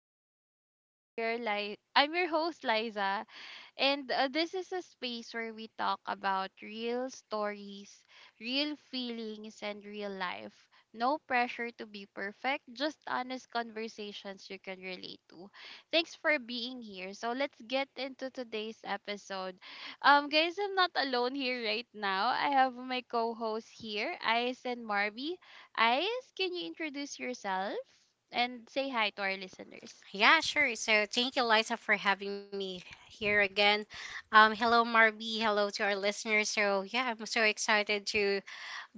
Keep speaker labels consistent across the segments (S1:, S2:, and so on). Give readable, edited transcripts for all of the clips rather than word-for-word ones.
S1: podcast. I'm your host Liza, and this is a space where we talk about real stories, real feelings, and real life. No pressure to be perfect, just honest conversations you can relate to. Thanks for being here. So let's get into today's episode. Guys, I'm not alone here right now. I have my co-hosts here, Ice and Marby. Ice, can you introduce yourself and say hi to our listeners?
S2: Yeah, sure. So thank you, Liza, for having me here again. Hello, Marby. Hello to our listeners. So yeah, I'm so excited to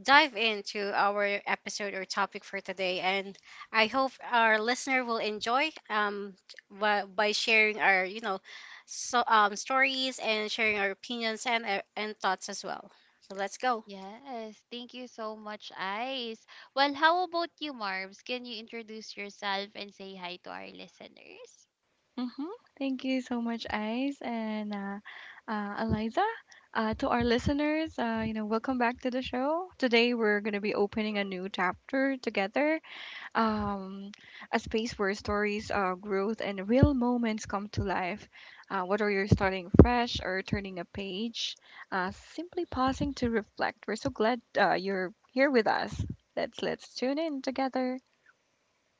S2: dive into our episode or topic for today, and I hope our listener will enjoy by sharing our stories and sharing our opinions and thoughts as well. So let's go.
S1: Yes, thank you so much, Ice. Well, how about you, Marbs? Can you introduce yourself and say hi to our listeners?
S3: Mm-hmm. Thank you so much, Ice and Eliza. To our listeners, welcome back to the show. Today we're going to be opening a new chapter together, um, a space where stories, growth, and real moments come to life. Whether you're starting fresh or turning a page, simply pausing to reflect. We're so glad you're here with us. Let's tune in together.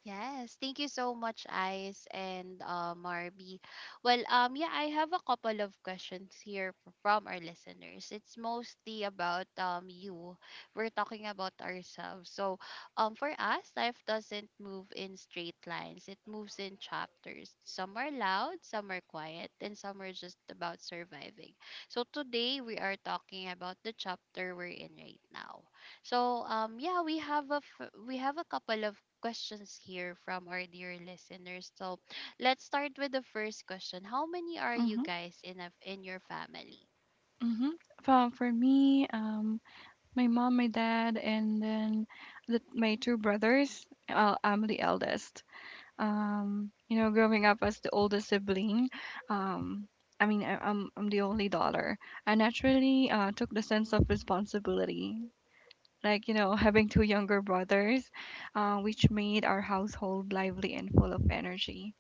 S1: Yes, thank you so much, Ice and Marby. Well, yeah, I have a couple of questions here from our listeners. It's mostly about you. We're talking about ourselves. So, for us, life doesn't move in straight lines. It moves in chapters. Some are loud, some are quiet, and some are just about surviving. So today we are talking about the chapter we're in right now. So, yeah, we have a couple of questions here from our dear listeners. So let's start with the first question. How many are you
S3: Mm-hmm.
S1: guys in your family?
S3: Mm-hmm. For me, my mom, my dad, and then my two brothers. Well, I'm the eldest. Growing up as the oldest sibling, um, I'm the only daughter. I naturally took the sense
S1: Hmm.
S3: of responsibility, like you know, having two younger brothers, which made our household lively and full of energy.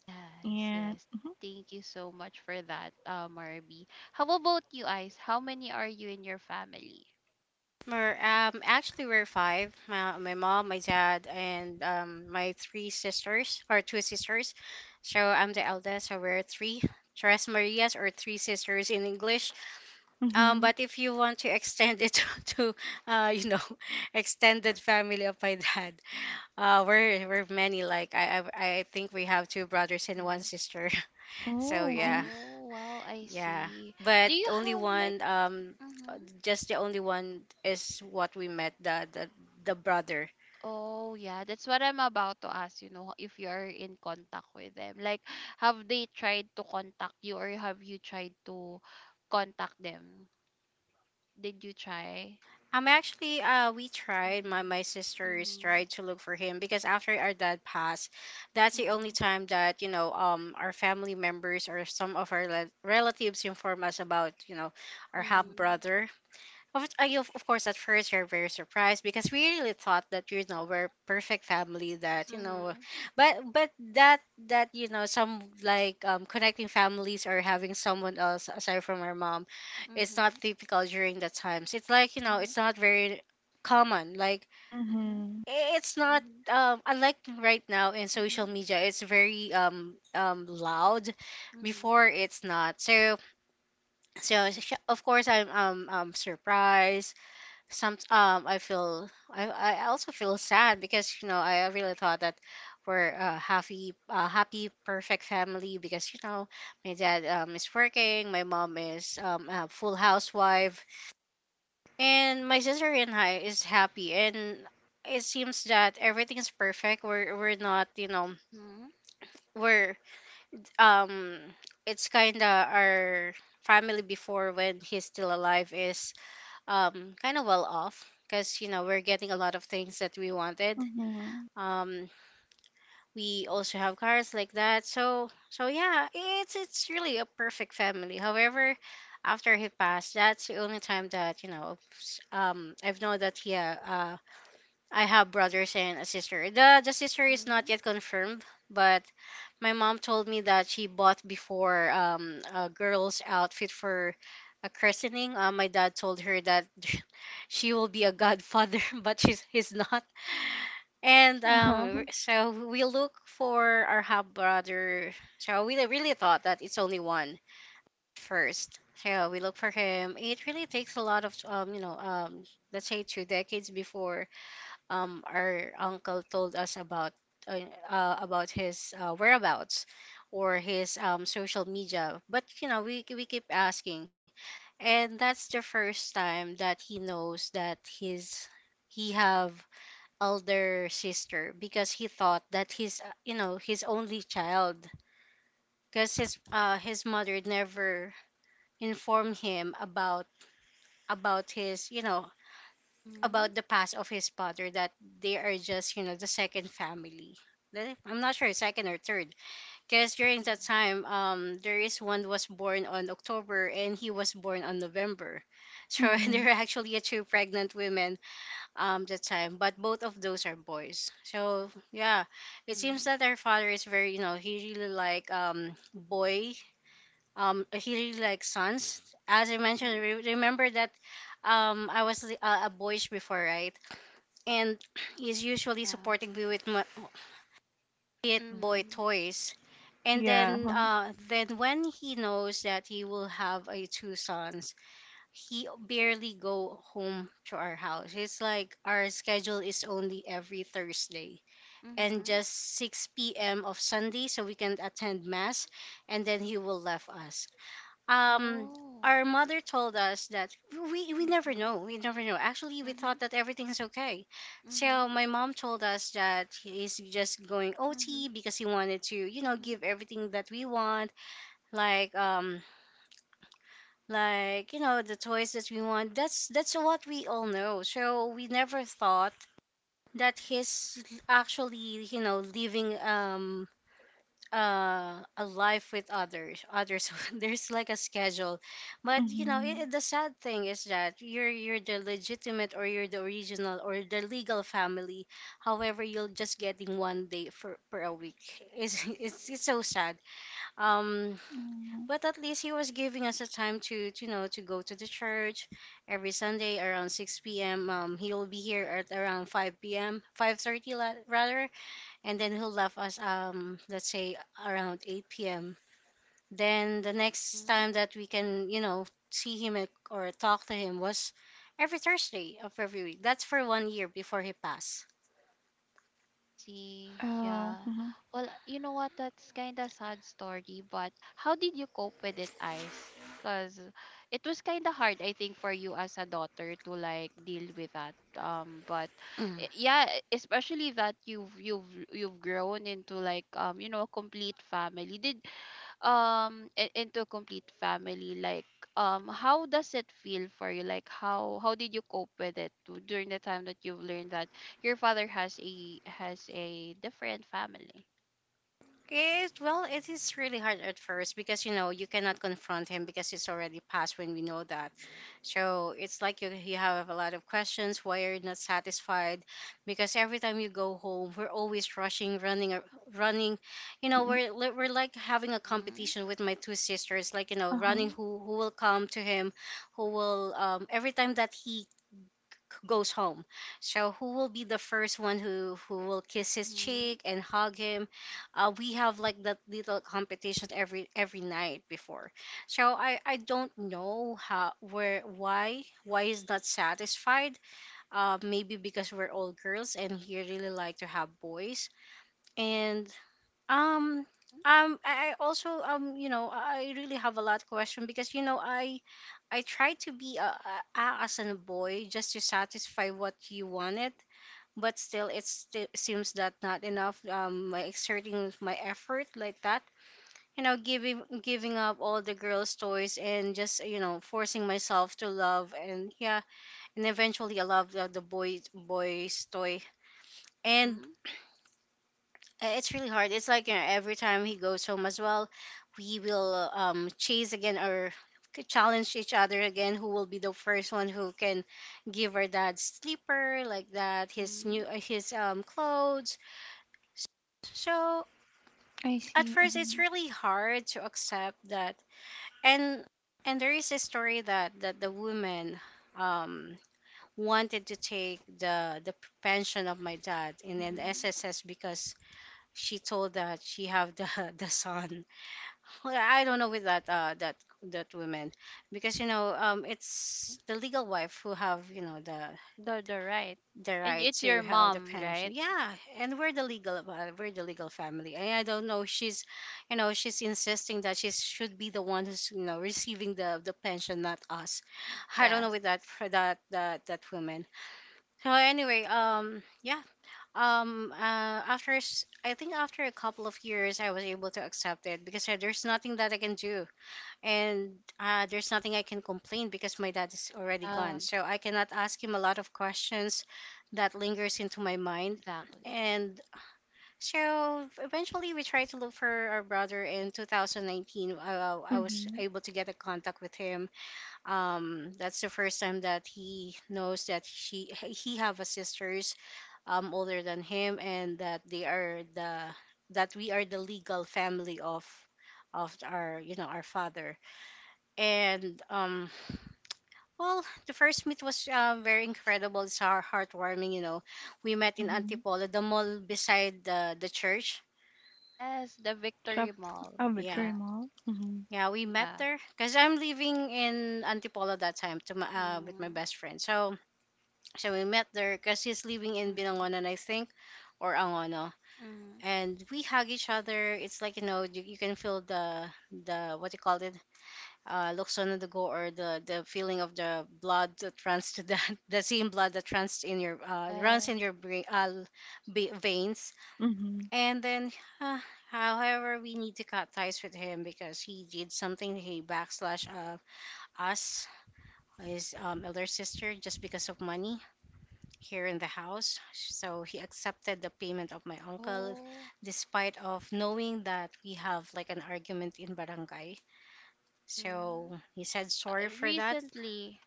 S1: Yes,
S3: And
S1: yes. Thank you so much for that, Marby. How about you, Ice? How many are you in your family?
S2: We're, actually, we're five. My mom, my dad, and my three sisters, or two sisters. So I'm the eldest, so we're three. Tres Marias, or three sisters in English.
S3: mm-hmm.
S2: But if you want to extend it to, uh, you know, extended family of my dad, we're many. Like I think we have two brothers and one
S1: Mm.
S2: sister. So
S3: Oh.
S2: yeah,
S1: Oh, wow, I
S2: yeah,
S1: see. Do
S2: but
S1: you
S2: only
S1: have like,
S2: one. Uh,
S1: mhm.
S2: just the only one is what we met, the brother.
S1: Oh, yeah, that's what I'm about to ask, you know, if you're in contact with them. Like, have they tried to contact you, or have you tried to contact them? Did you try?
S2: Actually, we tried. My
S1: Mm-hmm.
S2: sisters
S1: Mm-hmm.
S2: tried to look for him because after our dad passed, that's the only time that our family members or some of our le- relatives inform us about our half
S1: Mm-hmm.
S2: brother. Of, I, of course, at first you're very surprised because we really thought that you know we're perfect family. That you know,
S1: Mm-hmm.
S2: but that that you know some like, connecting families or having someone else aside from our mom, it's not
S1: Mm-hmm.
S2: typical during the times. It's like you know
S1: Mm-hmm.
S2: it's not very common. Like
S1: Mm-hmm.
S3: Mm-hmm.
S2: I- it's
S1: Mm-hmm.
S2: not,
S1: Mm-hmm.
S2: um, unlike right now in
S1: Mm-hmm.
S2: social media. It's very loud. Before it's not. So so sh- of course I'm surprised. Some I feel I also feel sad because you know I really thought that we're a happy, a happy perfect family, because you know my dad, is working, my mom is, a full housewife, and my sister and I is happy, and it seems that everything's perfect. We're not, you know,
S1: Mm-hmm.
S2: we're, um, it's kind of our family. Before, when he's still alive, is, um, kind of well off, because you know we're getting a lot of things that we wanted.
S3: Mm-hmm.
S2: Um, we also have cars like that. So so yeah, it's really a perfect family. However, after he passed, that's the only time that you know s- I've known that he I have brothers and a sister. The sister is not
S1: Mm-hmm.
S2: yet confirmed, but my mom told me that she bought before, a girl's outfit for a christening. My dad told her that she will be a godfather, but she's he's not. And
S3: Uh-huh.
S2: so we look for our half brother. So we really thought that it's only one first. So we look for him. It really takes a lot of, let's say, two decades before, our uncle told us about, uh, about his, whereabouts or his, social media. But you know, we keep asking, and that's the first time that he knows that his he have elder sister, because he thought that his, you know, his only child, because his mother never informed him about, his you know,
S1: Mm-hmm.
S2: about the past of his father, that they are just you know the second family. Then, I'm not sure second or third, because
S1: Yes.
S2: during that time, um, there is one was born on October and he was born on November. So
S3: Mm-hmm.
S2: there are actually two pregnant women, um, that time, but both of those are boys. So yeah, it seems
S1: Mm-hmm.
S2: that our father is very you know, he really like boy, um, he really likes sons. As I mentioned,
S1: Mm-hmm.
S2: re- remember that, um, I was, a boyish before, right? And he's usually
S1: Yeah.
S2: supporting me with my it boy
S1: Mm-hmm.
S2: toys. And
S3: Yeah.
S2: then when he knows that he will have a two sons, he barely go home to our house. It's like our schedule is only every Thursday and
S1: Mm-hmm.
S2: just 6 p.m. of Sunday, so we can attend mass, and then he will left us, um,
S1: Oh.
S2: our mother told us that we never
S1: Mm-hmm.
S2: know, we never know. Actually we
S1: Mm-hmm.
S2: thought that everything's okay,
S1: Mm-hmm.
S2: so my mom told us that he's just going ot
S1: Mhm,
S2: because he wanted to you know
S1: mhm,
S2: give everything that we want, like um, like you know the toys that we want. That's what we all know, so we never thought that he's actually you know living, um, uh, a life with others, others. There's like a schedule, but you know it,
S3: Mm-hmm.
S2: it- the sad thing is that you're the legitimate, or you're the original, or the legal family, however you're just getting 1 day for per a week. It's it's so sad. Um, but at least he was giving us a time to you know to go to the church every Sunday around 6 p.m. Um, he will be here at around 5 p.m., 5:30 30 rather, and then he'll left us, um, let's say around 8 p.m. Then the next
S1: mhm.
S2: time that we can you know see him and- or talk to him was every Thursday of every week. That's for 1 year before he passed.
S1: I see.
S3: Oh,
S1: Yeah.
S3: mhm,
S1: Well, you know what? That's kind of sad story, but how did you cope with it, Ice? Because it was kind of hard, I think, for you as a daughter to like deal with that. But
S2: Mm.
S1: yeah, especially that you've grown into like, a complete family. Into a complete family, like, how does it feel for you? Like, how did you cope with it during the time that you've learned that your father has a different family?
S2: It well, it is really hard at first, because you know you cannot confront him because he's already passed when we know that. So it's like you have a lot of questions. Why you're not satisfied? Because every time you go home, we're always rushing, running, ar- running. You know,
S3: mm,
S2: we're, li- we're like having a
S1: Mm-hmm.
S2: competition with my two sisters, like, you know,
S3: uh-huh,
S2: running who will come to him, who will, every time that he goes home. So who will be the first one who will kiss his
S1: Mm-hmm.
S2: cheek and hug him? We have like that little competition every night before. So I don't know how where why is not satisfied. Maybe because we're all girls and he really like to have boys. And um,
S1: Mm-hmm.
S2: I also you know, I really have a lot of question, because you know I try to be a, as a boy, just to satisfy what you wanted, but still it sti- seems that not enough. My exerting my effort like that, you know, giving up all the girls' toys, and just you know forcing myself to love, and yeah, and eventually I love the, the boy's toy. And
S1: Mm-hmm.
S2: uh, it's really hard. It's like you know, every time he goes home as well, we will chase again or c- challenge each other again. Who will be the first one who can give our dad sleeper like that? His new,
S1: Mm-hmm.
S2: his um, clothes. So
S3: I
S2: at
S3: see,
S2: first, it's
S3: mhm,
S2: really hard to accept that. And and there is a story that the woman, um, wanted to take the, pension of my dad in an
S1: Mm-hmm.
S2: SSS, because she told that she have the the son. Well, I don't know with that that woman, because you know
S1: Mm-hmm.
S2: it's the legal wife who have you know the,
S1: The right. And
S2: right
S1: it's
S2: to
S1: your
S2: have the
S1: mom,
S2: pension.
S1: right?
S2: Yeah, and we're the legal, we're the legal family. And I don't know, she's you know she's insisting that she should be the one who's you know receiving the, pension, not us. I don't know
S1: Yes.
S2: with that for that that woman. So anyway, yeah, after s- I think after a couple of years I was able to accept it, because there's nothing that I can do, and there's nothing I can complain, because my dad is already gone,
S1: Yeah,
S2: so I cannot ask him a lot of questions that lingers into my mind.
S1: exactly.
S2: And so eventually we tried to look for our brother in 2019. I was
S3: mhm,
S2: able to get a contact with him, um, that's the first time that he knows that she he have a sister, um, older than him, and that they are the, that we are the legal family of, our you know our father. And um, well, the first meet was, very incredible. It's heart- heartwarming, you know. We met in
S3: mhm.
S2: Antipolo, the mall beside the, church.
S1: Yes, the
S3: Shop.
S1: Victory Mall.
S3: A
S2: Yeah,
S3: Victory
S1: Yeah,
S3: Mall? Mhm,
S2: yeah, we met
S1: yeah.
S2: there because I'm living in Antipolo that time to my, with my
S1: Mm-hmm.
S2: best friend. So so we met there because he's living in
S1: Mm-hmm.
S2: Binangonan, I think, or Angono,
S1: Mm-hmm.
S2: and we hug each other. It's like you know you can feel the, what you call it, lukson on the go, or the, feeling of the blood that runs to the the same blood that runs in your, runs
S1: Yeah.
S2: in your brain, be- veins.
S3: mhm,
S2: And then, uh, however, we need to cut ties with him because he did something. He backslash us, his elder sister, just because of money here in the house. So he accepted the payment of my uncle
S1: Oh.
S2: despite of knowing that we have like an argument in barangay.
S1: Mhm.
S2: So he said
S1: Is that
S2: sorry for that.
S1: recently?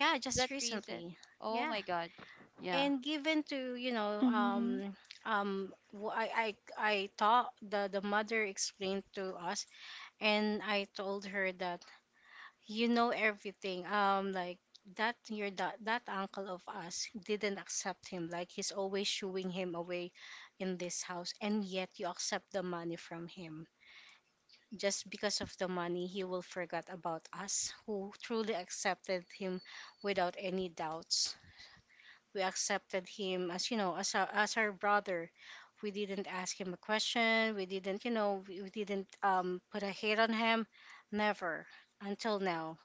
S2: Yeah,
S1: Is
S2: just
S1: that recent?
S2: recently.
S1: Oh
S2: Yeah.
S1: my god. Yeah.
S2: And given to, you know,
S3: mhm.
S2: I thought the mother explained to us and I told her that you know everything like that your that uncle of us didn't accept him like he's always shooing him away in this house and yet you accept the money from him just because of the money he will forget about us who truly accepted him without any doubts. We accepted him as you know as our brother. We didn't ask him a question. We didn't you know we didn't put a hate on him. Never. Until now.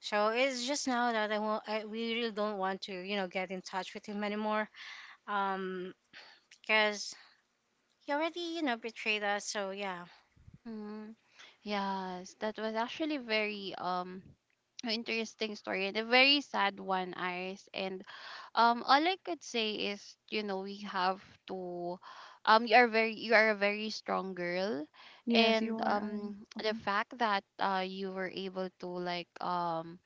S2: So it's just now that we really don't want to, you know, get in touch with him anymore. Um, because he already, you know, betrayed us. So yeah,
S1: Mhm. Yes, that was actually very an interesting story, and a very sad one, Iris. And all I could say is, you know, we have to you are a very strong girl,
S3: Yes, you
S1: and
S3: are right.
S1: the
S3: Mhm.
S1: fact that you were able to like,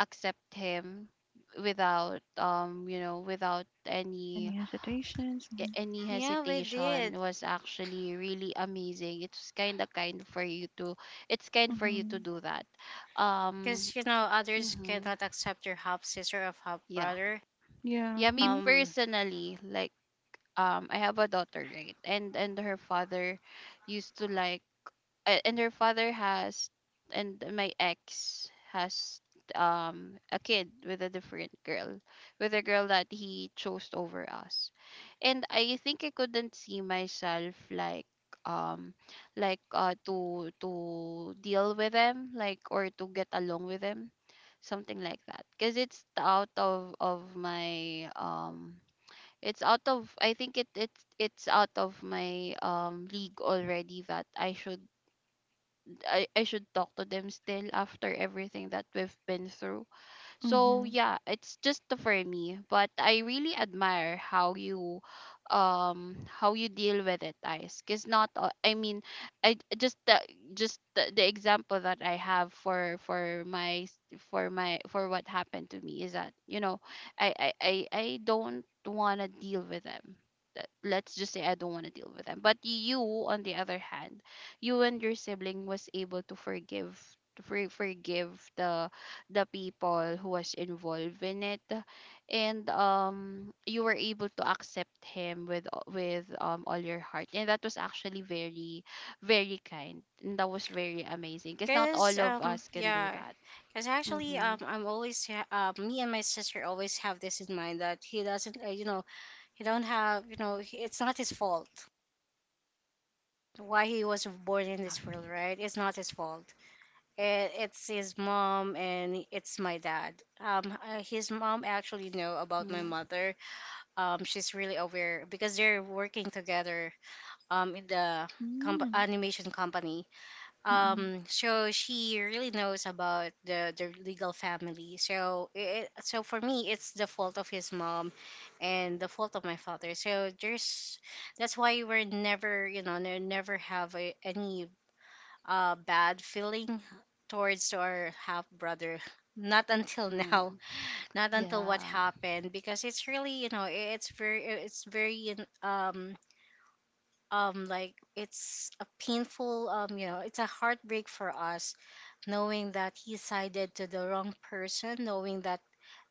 S1: accept him without, without
S3: Any
S1: any
S3: hesitations? Mhm,
S1: any
S2: yeah, we
S1: hesitation
S2: did.
S1: was actually really amazing. It's kind for you to
S3: mhm.
S1: do that. um
S2: Because you know, others
S1: mhm,
S2: cannot accept your half sister of half
S1: yeah.
S2: brother.
S3: Yeah,
S1: Yeah, me
S3: mhm,
S2: Um,
S1: personally, like, I have a daughter, right? And her father used to like a- and my ex has a kid with a different girl with a girl that he chose over us, and I think I couldn't see myself, like, um to deal with them, like, or to get along with them, something like that, because it's out of my, it's out of I think it's out of my league already, that I should talk to them still after everything that we've been through. So
S3: mhm,
S1: yeah, it's just for me, but I really admire how you deal with it, guys. Cause not all, I mean, I just the the example that I have for my, for what happened to me is that, you know, I don't wanna deal with them. That— Let's just say I don't want to deal with them. But you, on the other hand, you and your sibling was able to forgive, to forgive the people who was involved in it, and you were able to accept him with, all your heart, and that was actually very, very kind, and that was very amazing, because not
S2: because
S1: all of us can do
S2: yeah,
S1: that.
S2: because actually,
S1: Mm-hmm.
S2: I'm always ha- me and my sister always have this in mind that he doesn't, you know, he don't have, you know, he, it's not his fault why he was born in
S1: Yeah,
S2: this world, right? It's not his fault. And it's his mom and it's my dad um his mom actually know about my
S1: mm-hmm.
S2: mother. She's really aware because they're working together in the
S3: mm,
S2: animation company.
S3: mm-mm.
S2: So she really knows about the legal family. So it, so for me it's the fault of his mom and the fault of my father. So there's that's why we're never you know never have any bad feeling towards our half brother. Not until
S1: Mm-hmm.
S2: now, not until what
S1: Yeah.
S2: happened, because it's really you know it's very um like it's a painful you know it's a heartbreak for us knowing that he sided to the wrong person, knowing that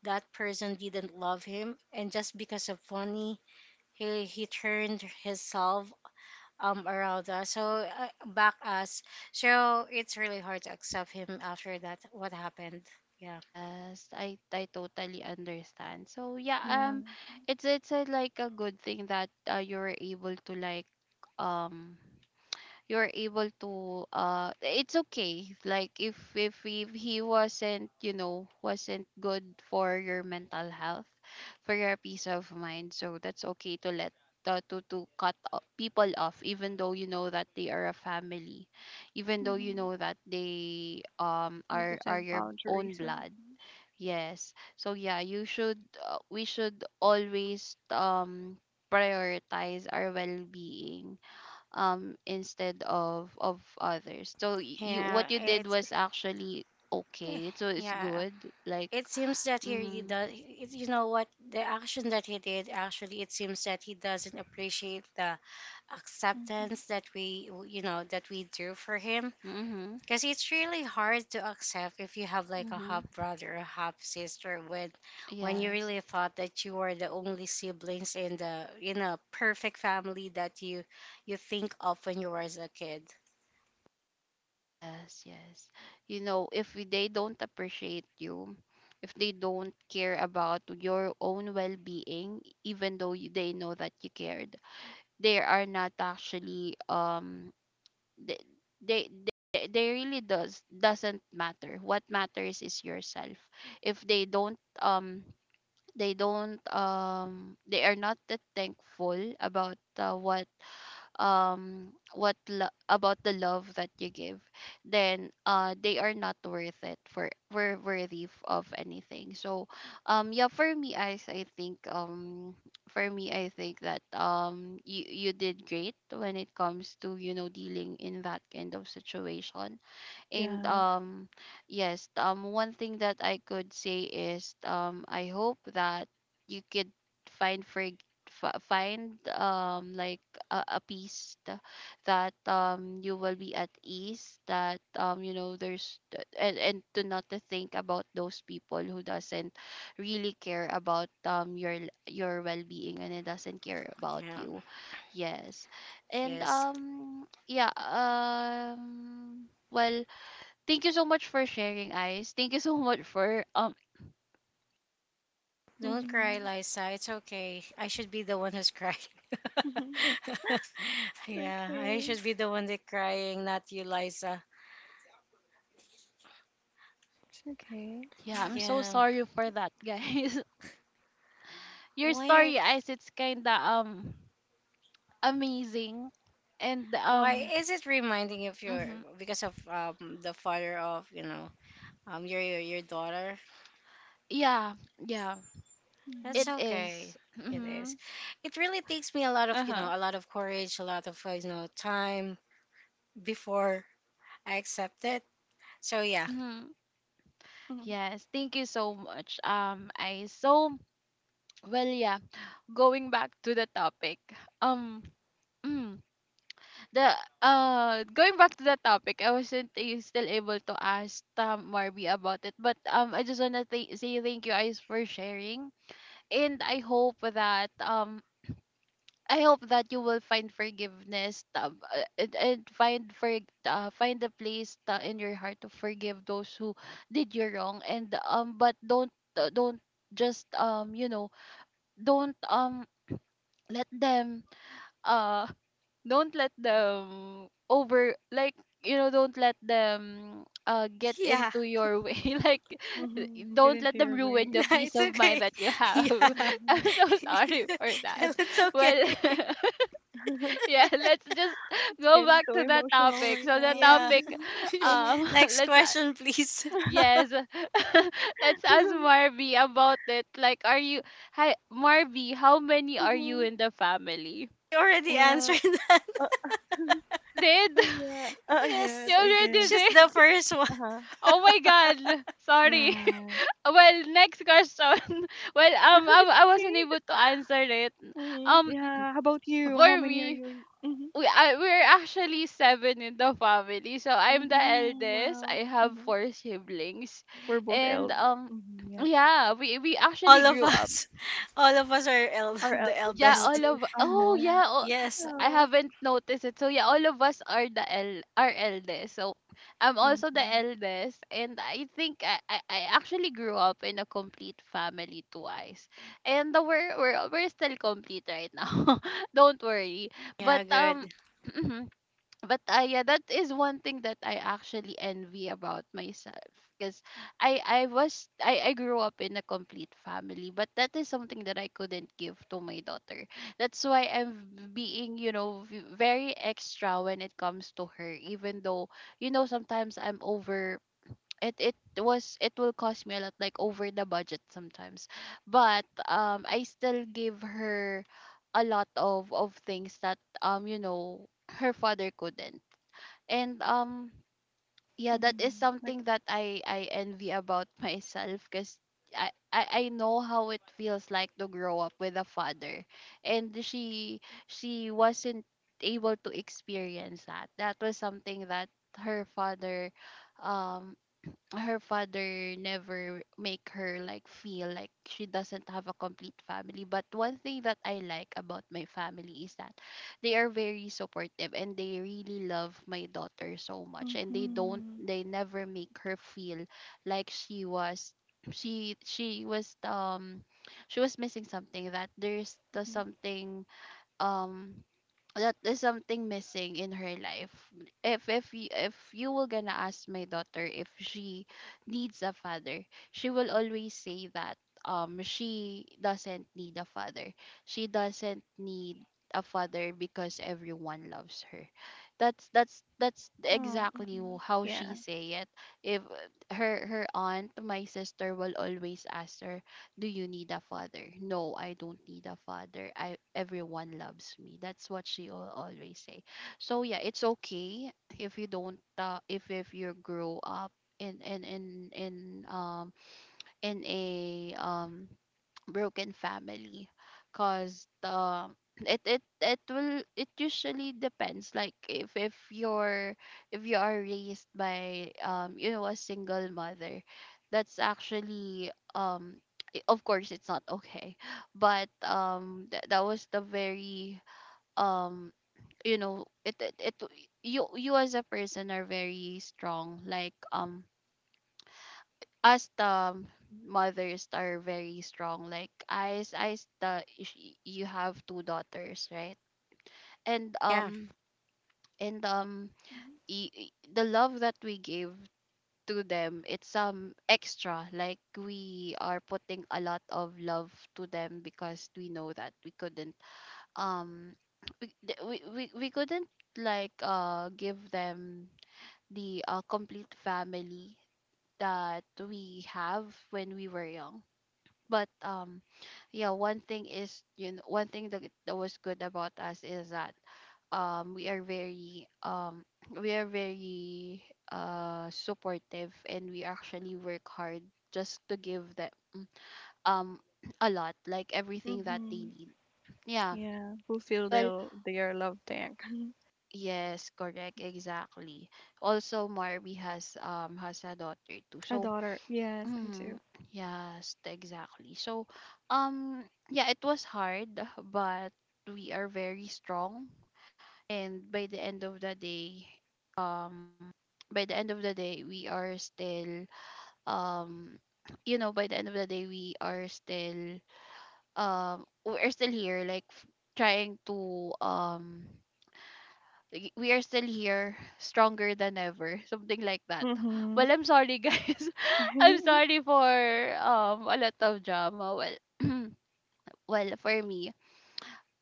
S2: that person didn't love him, and just because of money, he turned himself around us so back us. So it's really hard to accept him after that what happened. Yeah,
S1: Yes, I totally understand. So yeah,
S3: Yeah,
S1: like a good thing that, you were able to, like, um you're able to it's okay, like, if he wasn't you know wasn't good for your mental health, for your peace of mind, so that's okay to let, to cut people off, even though you know that they are a family, even though you
S3: mhm.
S1: know that they
S3: You
S1: are
S3: just
S1: are
S3: said
S1: your own
S3: boundaries, right?
S1: blood. Yes. So yeah, you should we should always prioritize our well-being, instead of others. So you,
S2: yeah,
S1: what you did was actually
S2: eh,
S1: okay, so it's
S2: yeah,
S1: good. Like,
S2: it seems that he really
S1: mm-hmm,
S2: does it, you know what the action that he did actually it seems that he doesn't appreciate the
S3: Mhm, mhm.
S2: acceptance that we you know that we do for him.
S1: mm-hmm,
S2: Because it's really hard to accept if you have like a
S1: mm-hmm.
S2: half brother or half sister when you
S1: Yes,
S2: really thought that you were the only siblings in the in a perfect family that you think of when you were as a kid.
S1: yes, yes, you know, if they don't appreciate you, if they don't care about your own well-being, even though you, they know that you cared, they are not actually, they, they really doesn't matter. What matters is yourself. If they don't um they don't They are not that thankful about what lo- about the love that you give, then they are not worth it for were worthy of anything. So yeah, for me I think that you did great when it comes to, you know, dealing in that kind of situation. And
S3: Yes,
S1: Yes, one thing that I could say is, I hope that you could find for find, a peace, that, you will be at ease, that, you know, and to not to think about those people who doesn't really care about, your well-being, and it doesn't care about
S2: Yeah.
S1: you. Yes. And
S2: Yes.
S1: yeah, well, thank you so much for sharing, Ice. Thank you so much for
S2: Don't cry,
S3: mhm,
S2: Liza. It's okay. I should be the one who's crying.
S3: mhm. It's
S2: Yeah, I
S3: okay,
S2: should be the one that crying, not you, Liza.
S3: it's okay.
S1: yeah, I'm so
S2: Yeah.
S1: sorry for that, guys. Your
S2: Why are
S1: story, Ice, it's kinda amazing. And,
S2: why is it reminding you of your
S1: hmm,
S2: because of the father of, you know, your daughter?
S1: yeah, yeah,
S2: That's
S1: it
S3: Mhm,
S2: okay.
S1: is.
S2: It
S1: Mm-hmm.
S2: is. It really takes me a lot of you know
S1: Uh-huh.
S2: a lot of courage a lot of you know time before I accept it. So yeah,
S1: Mm-hmm.
S3: mhm,
S1: Yes, thank you so much, Ice. So, well, yeah, going back to the topic. Um the going back to the topic, I wasn't still able to ask Tam Marby about it, but I just wanna say thank you guys for sharing, and I hope that you will find forgiveness, and find a place, in your heart, to forgive those who did you wrong, and but don't, don't just you know don't let them, uh don't let them over like you know, don't let them, get
S2: yeah.
S1: into your way, like,
S3: mhm. Get
S1: don't let
S3: into
S1: them
S3: your
S1: ruin
S3: way.
S1: the
S2: Nah,
S1: peace
S2: it's
S1: of mind
S2: okay.
S1: that you
S2: Yeah.
S1: have.
S2: Well,
S1: I'm
S3: Mhm.
S1: so sorry for that.
S2: it's okay.
S1: Well, yeah, let's just
S3: It's
S1: go
S3: getting
S1: back
S3: so
S1: to the
S3: emotional
S1: topic.
S3: right
S1: So the
S2: Yeah.
S3: now.
S1: topic,
S3: Uh-huh.
S1: um
S2: Next
S1: let's,
S2: question please.
S1: yes, let's ask Marby about it. Like, are you hi Marby, how many are you
S3: Uh-huh.
S1: in the family?
S2: I already
S3: Well,
S2: answered that.
S3: uh,
S1: She did.
S3: oh yeah.
S2: Yes,
S3: Yes,
S1: She
S3: I
S1: already
S3: did.
S2: it's
S1: did.
S2: the first one.
S3: Uh-huh.
S1: Oh my God, sorry!
S3: Yeah.
S1: Well, next question. Well, I wasn't
S3: Okay.
S1: able to answer it.
S3: Hmm.
S1: Um,
S3: Yeah. How about you? How
S1: for
S3: many are
S1: me,
S3: you in? Mm-hmm.
S1: we're actually seven in the family. So I'm the
S3: Mm-hmm.
S1: eldest.
S3: Wow.
S1: I have
S3: Mm-hmm.
S1: four siblings,
S3: We're both
S1: and,
S3: eld. Mm-hmm. Yeah.
S1: yeah, we actually
S2: All of
S1: grew up.
S2: us, all of us are
S3: Our
S2: the
S3: eldest
S1: Yeah,
S2: eldest.
S1: all
S3: daughters.
S1: of oh
S3: Uh-huh.
S1: yeah, oh,
S2: Yes.
S1: I
S3: Oh.
S1: haven't noticed it. So yeah, all of us are the el are eldest. So I'm also the
S3: Mm-hmm.
S1: eldest, and I think I actually grew up in a complete family twice, and we're still complete right now. Don't worry, but
S2: Yeah,
S1: um.
S2: good.
S1: but yeah, that is one thing that I actually envy about myself, because I was I grew up in a complete family, but that is something that I couldn't give to my daughter. That's why I'm being, very extra when it comes to her, even though, sometimes I'm over. It will cost me a lot, like over the budget sometimes, but I still give her a lot of things that her father couldn't. And yeah, that is
S3: Mm-hmm. Like,
S1: something that I envy about myself, because I know how it feels like to grow up with a father, and she wasn't able to experience that. That was something that her father um her father never make her like feel like she doesn't have a complete family. But one thing that I like about my family is that they are very supportive and they really love my daughter so much, and
S3: mm-hmm.
S1: they never make her feel like she she was um she was missing something, that there's the
S3: Mm-hmm.
S1: something um that is something missing in her life. If you were gonna ask my daughter if she needs a father, she will always say that she doesn't need a father. She doesn't need a father because everyone loves her. That's
S3: Oh,
S1: exactly
S3: mm-hmm.
S1: how she
S3: Yeah.
S1: say it. If her aunt, my sister, will always ask her, do you need a father? No, I don't need a father. I everyone loves me. That's what she always say. So yeah, it's okay if you don't if you grow up in in in in um in a broken family, because the it it it will it usually depends, like if you're if you are raised by a single mother. That's actually of course it's not okay but that was the very um it, it it you as a person are very strong, like us, the mothers are very strong. Like you have two daughters, right? And
S2: Yeah.
S1: um and um
S3: Mm-hmm.
S1: the love that we give to them, it's extra, like we are putting a lot of love to them because we know that we couldn't um we th- we couldn't like give them the complete family that we have when we were young. But yeah, one thing is, you know one thing that, that was good about us is that we are very we are very supportive, and we actually work hard just to give them um a lot, like everything that they
S3: Mm-hmm.
S1: need. Yeah.
S3: Yeah, fulfill
S1: Well,
S3: their love tank.
S1: yes, correct, exactly. Also, Marby has a daughter too,
S3: A
S1: so
S3: daughter. Yes, I do.
S1: Mhm. Yes, exactly. So, um, yeah, it was hard, but we are very strong. And by the end of the day, um, by the end of the day, we are still, um, by the end of the day, we are still, we're still here, like trying to, we are still here, stronger than ever, something like that.
S3: Mhm.
S1: Well, I'm sorry, guys. I'm sorry for a lot of drama. Well, well, for me.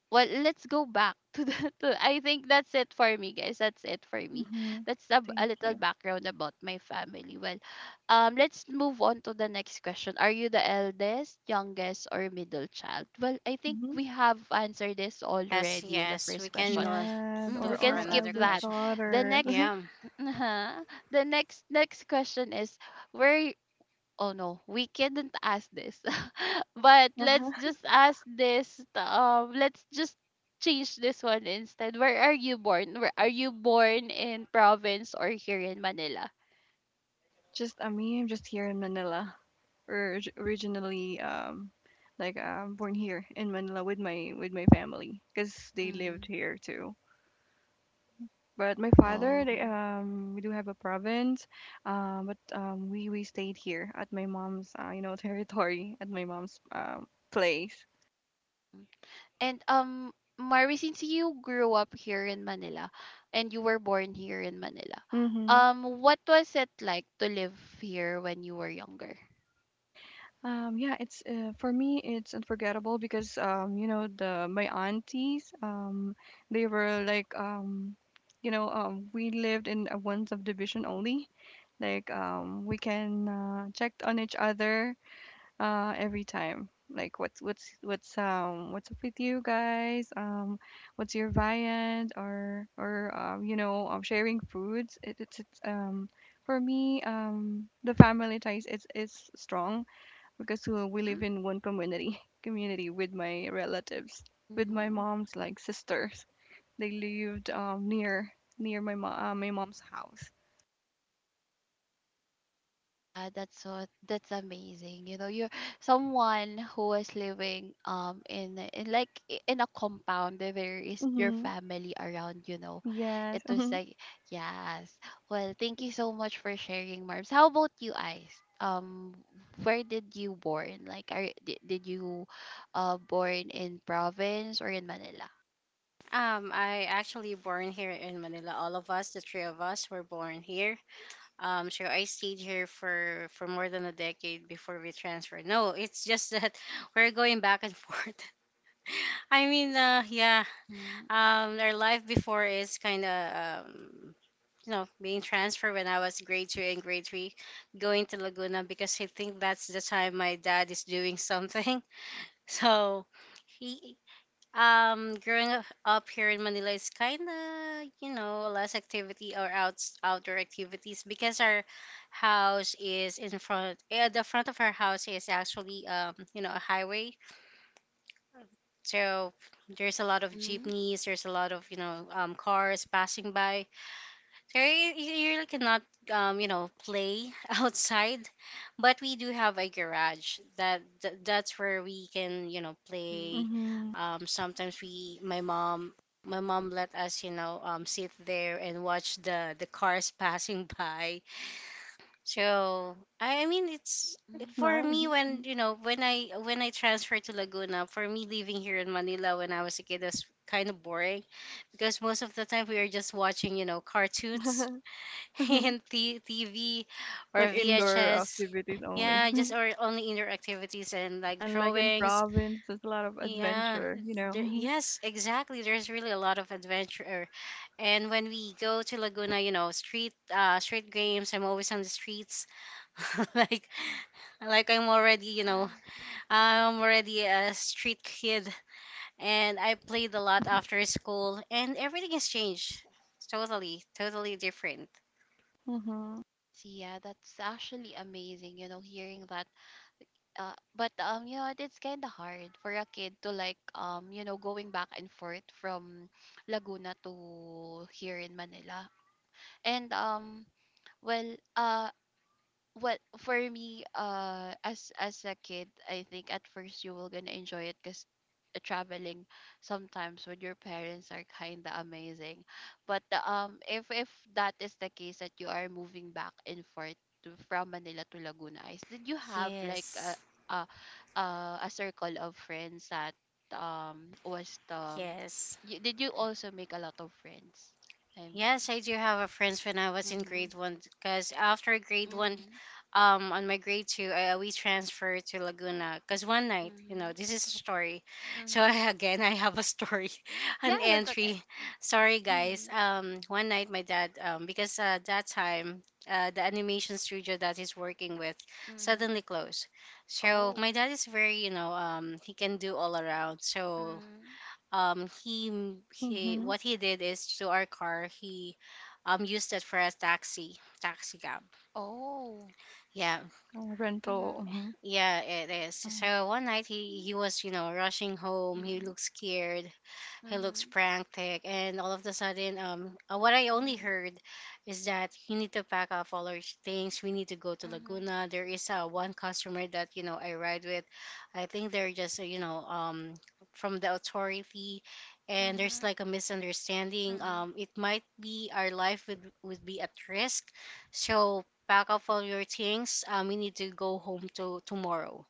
S1: Well, let's go back to the. To, I think that's it for me, guys. That's it for me.
S3: Mhm.
S1: That's a
S3: Thank
S1: little
S3: you.
S1: background about my family. Well, let's move on to the next question. Are you the eldest, youngest, or middle child? Well, I think
S3: Mhm.
S1: we have answered this
S2: Yes,
S1: already in the
S2: yes, we
S1: first
S2: can
S1: question.
S3: Yes,
S1: Mm,
S2: look
S1: we
S3: or
S2: for
S1: can
S3: all
S1: skip
S2: another
S3: eldest
S1: that.
S2: question.
S1: The
S3: daughters.
S1: next,
S2: Yeah.
S1: uh-huh. The next question is where. Oh no, we couldn't ask this. But let's
S3: Uh-huh.
S1: just ask this. Let's just change this one instead. Where are you born? Where are you born, in province or here in Manila?
S3: Just I mean, I'm just here in Manila. Or originally like born here in Manila with my family because they lived
S1: Mm.
S3: here too. But my father,
S1: Oh.
S3: they, we do have a province, but we stayed here at my mom's, territory at my mom's place.
S1: Mm. And Mari, since you grew up here in Manila and you were born here in Manila,
S3: Mm-hmm.
S1: what was it like to live here when you were younger?
S3: Yeah, it's for me, it's unforgettable because the my aunties, they were like, we lived in a one subdivision only. Like, we can check on each other every time like what's up with you guys what's your viand or sharing foods it, it's for me the family ties is strong because we live in one community community with my relatives with my
S1: Mm-hmm.
S3: mom's like sisters they lived near near my mom my mom's house.
S1: Yeah, that's so, that's amazing. You know, you're someone who is living in a compound where there is your
S3: Mhm.
S1: family around, you know.
S3: Yes,
S1: It was
S3: mhm,
S1: like yes. Well, thank you so much for sharing, Marbs. How about you, Ice? Where did you born? Like, did you born in province or in Manila?
S2: I actually born here in Manila. All of us, the three of us, were born here. So I stayed here for more than a decade before we transferred. No, it's just that we're going back and forth. I mean, yeah.
S1: Mhm.
S2: Our life before is kind of um, you know being transferred when I was grade two and grade three, going to Laguna because I think that's the time my dad is doing something. So. He, um, growing up up here in Manila is kind of, you know, less activity or outs outdoor activities because our house is in front. Yeah, the front of our house is actually, you know, a highway. So there's a lot of
S1: Mhm.
S2: jeepneys, there's a lot of, you know, cars passing by. There, you really cannot, you know, play outside, but we do have a garage that's where we can, you know,
S1: Mhm.
S2: play.
S3: mhm.
S2: Sometimes my mom let us, you know, sit there and watch the cars passing by. So I mean, it's
S3: That's
S1: Mhm.
S2: for me
S3: nice.
S2: when you know when I transferred to Laguna. For me, living here in Manila when I was a kid was kind of boring because most of the time we were just watching, you know, cartoons in TV or
S3: Like indoor
S2: VHS.
S3: activities only.
S2: Yeah, just
S1: Mhm.
S2: or only indoor activities and like
S3: Unlike in
S2: drawings.
S3: province, there's a lot of
S2: Yeah,
S3: adventure, you know.
S2: yes, exactly. There's really a lot of adventure. And when we go to Laguna, you know, street games, I'm always on the streets. like like I'm already, you
S1: Yeah.
S2: know, I'm already a street kid and I played a lot after school and everything has changed. Totally, totally different.
S3: Mm-hmm.
S1: I see. Yeah, that's actually amazing, you know, hearing that. But you know, what, it's kind of hard for a kid to like you know, going back and forth from Laguna to here in Manila. And well, uh, well for me as a kid, I think at first you will gonna enjoy it because traveling sometimes with your parents are kind of amazing. But if that is the case that you are moving back and forth to, from Manila to Laguna, Is did you have like
S2: Yes.
S1: a, a, a circle of friends that was the
S2: Yes.
S1: you, did you also make a lot of friends, I mean
S2: Yes, I do have a friends when I was in
S1: mm-hmm,
S2: grade one because after grade one,
S1: mm-hmm,
S2: on my grade two, we transferred to Laguna because one night, you know,
S1: mm-hmm,
S2: this is a story. So
S1: mm-hmm.
S2: I, again, I have a story,
S1: Yeah,
S2: an
S1: that's okay.
S2: entry. Sorry, guys.
S1: Mhm,
S2: One night, my dad, because that time, the animation studio that he's working with
S1: mhm.
S2: suddenly closed. So
S1: Oh,
S2: my dad is very, you know, he can do all around. So
S1: mhm.
S2: um he he
S3: Mm-hmm.
S2: what he did is to our car he used it for a taxi, taxi cab.
S1: Oh.
S2: Yeah,
S3: Like a rental.
S1: Mhm,
S3: Mm-hmm.
S2: yeah, it is. So one night he was you know rushing home. He
S1: mhm,
S2: looked scared, he looks
S1: mhm,
S2: frantic, and all of a sudden, what I only
S1: mhm,
S2: heard is that you need to pack up all our things. We need to go to
S1: mhm,
S2: Laguna. There is one customer that you know I ride with. I think they're just you know from the authority, and there's
S1: mhm,
S2: like a misunderstanding.
S1: mhm,
S2: It might be our life would be at risk, so pack up all your things. We need to go home to tomorrow.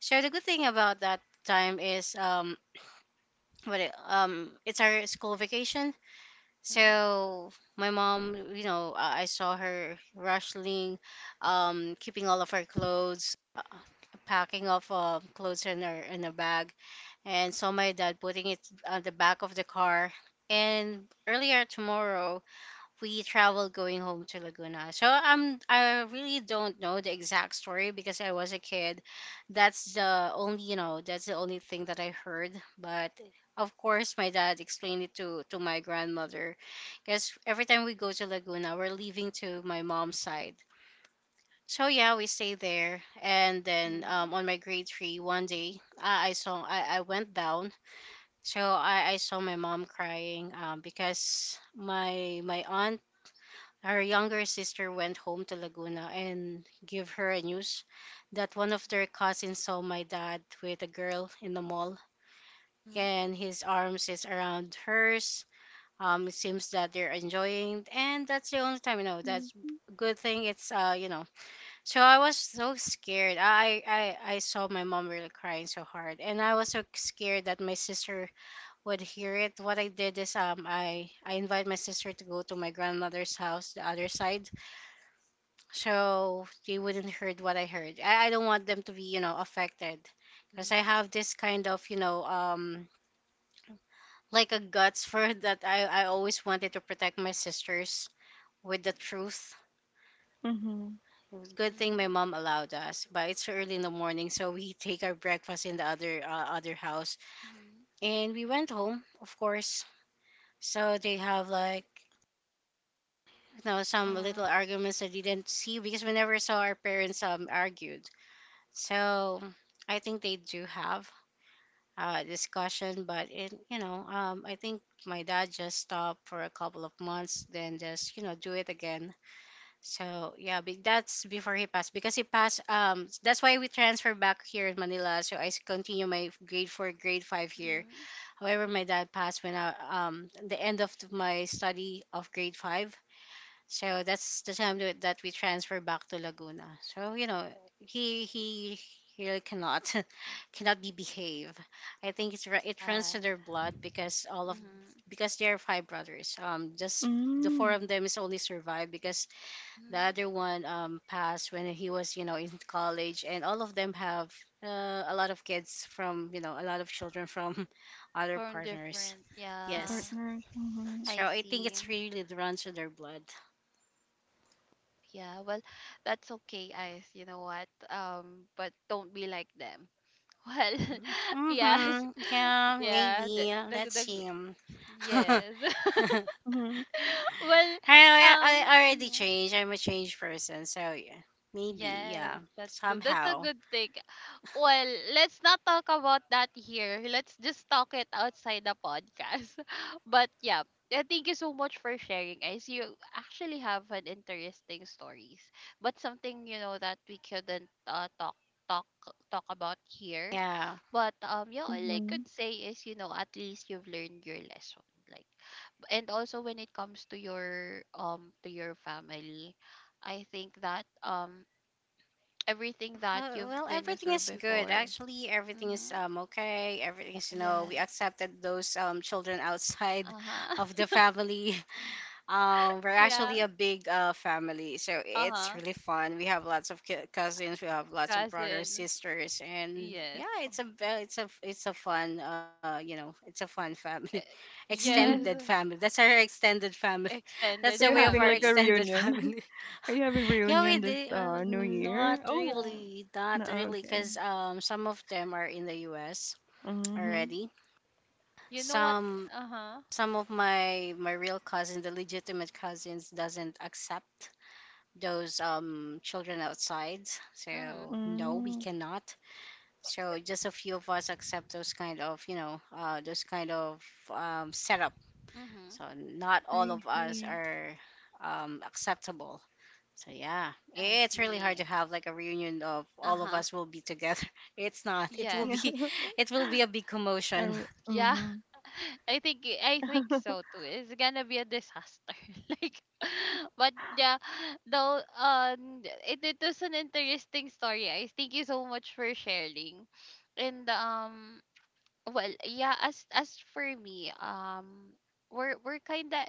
S2: So the good thing about that time is it's our school vacation.
S1: mhm,
S2: So my mom you know I saw her rushing, keeping all of our clothes, packing off clothes in her in a bag, and saw my dad putting it on the back of the car. And earlier tomorrow we traveled going home to Laguna. So I really don't know the exact story because I was a kid. That's the only you know that's the only thing that I heard. But of course, my dad explained it to my grandmother, because every time we go to Laguna, we're leaving to my mom's side. So yeah, we stay there, and then
S1: mhm,
S2: on my grade three, one day I saw I went down. So I saw my mom crying because my aunt, her younger sister, went home to Laguna and gave her a news that one of their cousins saw my dad with a girl in the mall
S1: mhm,
S2: and his arms is around hers. It seems that they're enjoying, and that's the only time you know. That's good thing. It's you know. So I was so scared. I saw my mom really crying so hard, and I was so scared that my sister would hear it. What I did is I invite my sister to go to my grandmother's house, the other side, so they wouldn't heard what I heard. I don't want them to be, you know, affected because I
S1: mhm,
S2: have this kind of, you know, like a guts for that. I always wanted to protect my sisters with the truth.
S3: Mm-hmm.
S2: Good thing my
S1: mhm,
S2: mom allowed us, but it's early in the morning, so we take our breakfast in the other other house,
S1: mhm.
S2: and we went home, of course. So they have like you know some
S1: Uh-huh.
S2: little arguments I didn't see because we never saw our parents argued. So I think they do have discussion, but it, you know, I think my dad just stopped for a couple of months, then just you know do it again. So yeah, that's before he passed because he passed. That's why we transferred back here in Manila. So continue my grade four, grade five here.
S1: Mhm.
S2: However, my dad passed when I the end of my study of grade five. So that's the time that we transfer back to Laguna. So you know, he he really cannot cannot be behave. I think it runs to
S1: Yes.
S2: their blood because all of
S1: Mhm.
S2: because they are five brothers. Just the four
S3: Mm-hmm.
S2: of them is only survived because the
S1: Mhm.
S2: other one passed when he was in college, and all of them have a lot of kids from a lot of children from other
S1: From
S2: partners.
S1: different.
S3: Their
S1: Yeah.
S2: Yes.
S3: partners. Mm-hmm.
S2: So
S1: I
S2: I think
S1: see.
S2: it's really runs to their blood.
S1: Yeah. Well, that's okay, Ice. You know what? But don't be like them. Well, yes.
S2: Mm-hmm. Yeah,
S1: Yeah,
S2: maybe. Let's
S1: the
S2: see. I,
S1: Yes.
S2: know,
S1: Well,
S2: I I already
S1: mhm.
S2: changed. I'm a changed person, so yeah, maybe. Yeah,
S1: Yes, that's that's a
S2: somehow.
S1: good thing. Well, let's not talk about that here. Let's just talk it outside the podcast. But yeah, thank you so much for sharing, guys. You actually have an interesting stories, but something you know that we couldn't talk talk about here.
S2: Yeah.
S1: But yeah, all I
S3: Mm-hmm.
S1: could say is, you know, at least you've learned your lesson, like. And also when it comes to your family, I think that everything that you've
S2: Well,
S1: been
S2: everything
S1: through
S2: is good.
S1: before
S2: Actually, everything is
S1: mm-hmm.
S2: okay. Everything is we
S1: Yes,
S2: accepted those children outside of
S1: uh-huh.
S2: the family. We're actually
S1: Yeah,
S2: a big family, so it's
S1: uh-huh,
S2: really fun. We have lots of cousins, we have lots of brothers,
S1: cousins,
S2: sisters, and
S1: yes.
S2: yeah, it's a fun it's a fun family,
S1: Eh, yes,
S3: Mm-hmm.
S2: extended family. That's our extended family. That's
S3: Are
S1: extended
S2: the
S3: you
S2: way of
S3: having
S2: our
S3: like a
S1: family.
S2: extended
S3: reunion?
S2: family.
S3: Are you having
S2: Yeah, we
S3: reunion this
S2: did
S3: New
S2: not
S3: Year? Oh.
S2: really, not
S3: No,
S2: really,
S3: okay.
S2: because some of them are in the U.S.
S3: Mm-hmm.
S2: already.
S1: You know what,
S2: Some
S1: uh-huh,
S2: some of my real cousin, the legitimate cousins, doesn't accept those children outside,
S1: mm-hmm,
S2: so no, we
S3: Mm,
S2: cannot, so just a few of us accept those kind of those kind of setup,
S1: mm-hmm,
S2: so not all
S3: I
S2: of us
S3: see.
S2: are acceptable. So yeah,
S1: I
S2: it's really hard to
S1: see,
S2: have like a reunion of all of
S1: uh-huh,
S2: us will be together. It's not, it will be
S1: yes.
S3: Yeah.
S2: it will be a big
S3: I,
S2: commotion.
S1: Yeah.
S3: mm-hmm.
S1: I think, I think so too. It's gonna be a disaster. like But yeah, though it, it was an interesting story. I thank you so much for sharing. And well, yeah, as for me, we're kinda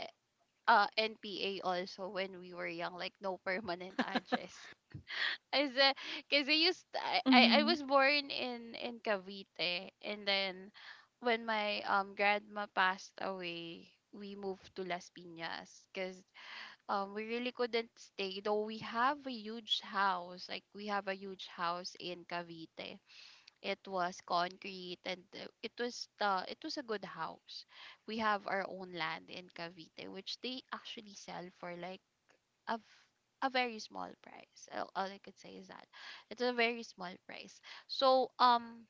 S1: NPA also when we were young, like no permanent address. As a, cause I
S3: Mm-hmm.
S1: was born in Cavite, and then when my grandma passed away, we moved to Las Piñas because we really couldn't stay, though we have a huge house, like we have a huge house in Cavite. It was concrete and it was a good house. We have our own land in Cavite, which they actually sell for like a v- a very small price. All I could say is that it's a very small price. So um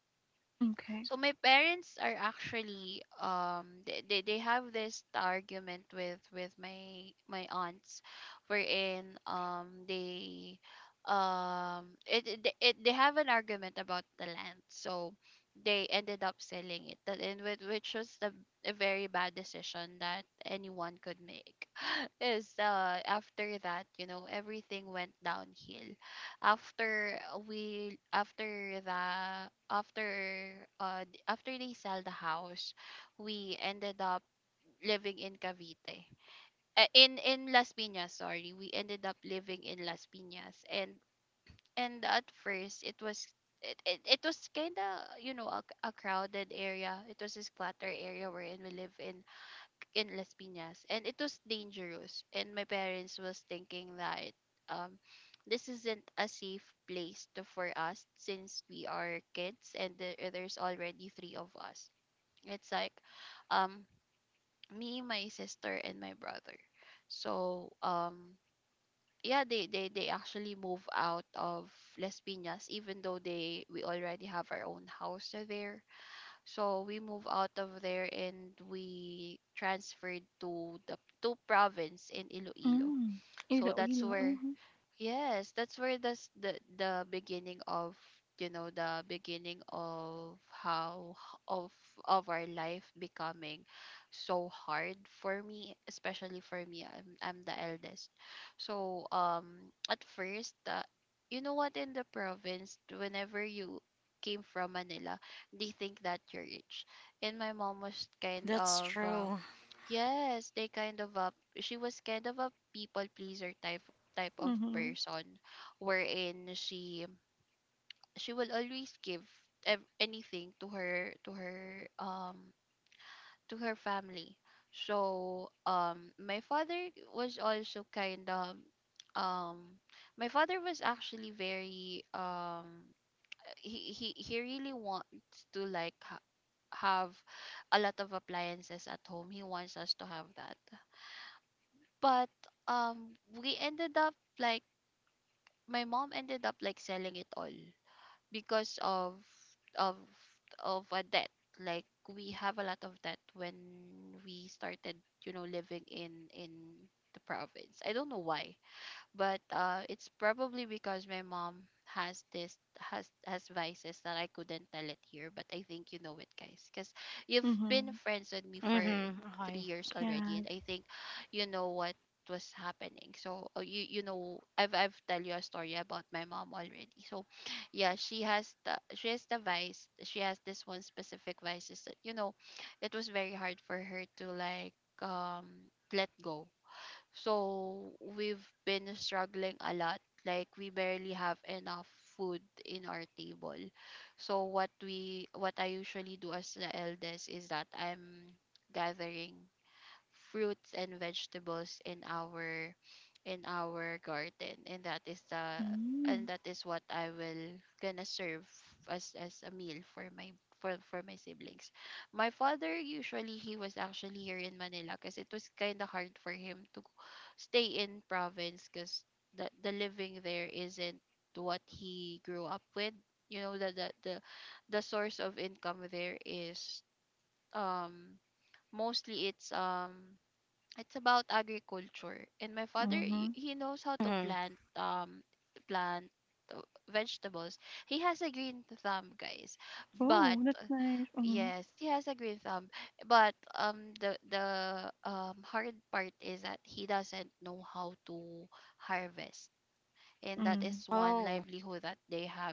S3: Okay.
S1: so my parents are actually they have this argument with my aunts, wherein it they have an argument about the land. So they ended up selling it that and with which was the a very bad decision that anyone could make. is After that, you know, everything went downhill. After we after the after th- After they sell the house, we ended up living in Cavite, in Las Piñas, sorry, we ended up living in Las Piñas. And at first it was it was kind of, you know, a crowded area. It was this clutter area wherein we live in Las Piñas, and it was dangerous. And my parents was thinking that um, this isn't a safe place to, for us, since we are kids, and there's already three of us. It's like um, me, my sister, and my brother. So yeah, they actually move out of Las Piñas, even though they we already have our own house there. So we moved out of there, and we transferred to the to province in Iloilo.
S3: Mm.
S1: So that's
S3: Iloilo,
S1: where
S3: mhm,
S1: Yes, that's where the s- the beginning of, you know, the beginning of of our life becoming so hard for me, especially for me. I'm the eldest, so at first, you know what, in the province, whenever you came from Manila, they think that you're rich, and my mom was kind
S2: That's
S1: of
S2: true.
S1: Yes, they kind of a she was kind of a people pleaser type of
S3: mhm,
S1: person, wherein she will always give anything to her, to her to her family. So my father was also kind of um my father was actually very he really wants to like have a lot of appliances at home. He wants us to have that. But we ended up like my mom ended up like selling it all because of of a debt. Like we have a lot of debt when we started, you know, living in the province. I don't know why, but it's probably because my mom has this has vices that I couldn't tell it here. But I think you know it, guys, because you've been
S3: mhm.
S1: friends with me for
S2: Mm-hmm.
S1: three
S2: Okay.
S1: years already, and
S3: Yes.
S1: I think you know what was happening. So you know I've tell you a story about my mom already. So yeah, she has the vice. She has this one specific vices that you know, it was very hard for her to like um let go. So we've been struggling a lot. Like we barely have enough food in our table. So what I usually do as the eldest is that I'm gathering fruits and vegetables in our garden, and that is the and
S3: Mm.
S1: that is what I will gonna serve as a meal for my for my siblings. My father usually he was actually here in Manila because it was kind of hard for him to stay in province because the living there isn't what he grew up with. You know that the source of income there is um mostly it's about agriculture, and my father
S3: Mhm.
S1: he knows how to
S2: Mm-hmm.
S1: plant plant uh, vegetables. He has a green thumb, guys. But
S3: Oh, that's nice. Mhm.
S1: yes, he has a green thumb, but the hard part is that he doesn't know how to harvest, and that is
S3: Mm.
S1: one
S2: Oh
S1: livelihood that they have,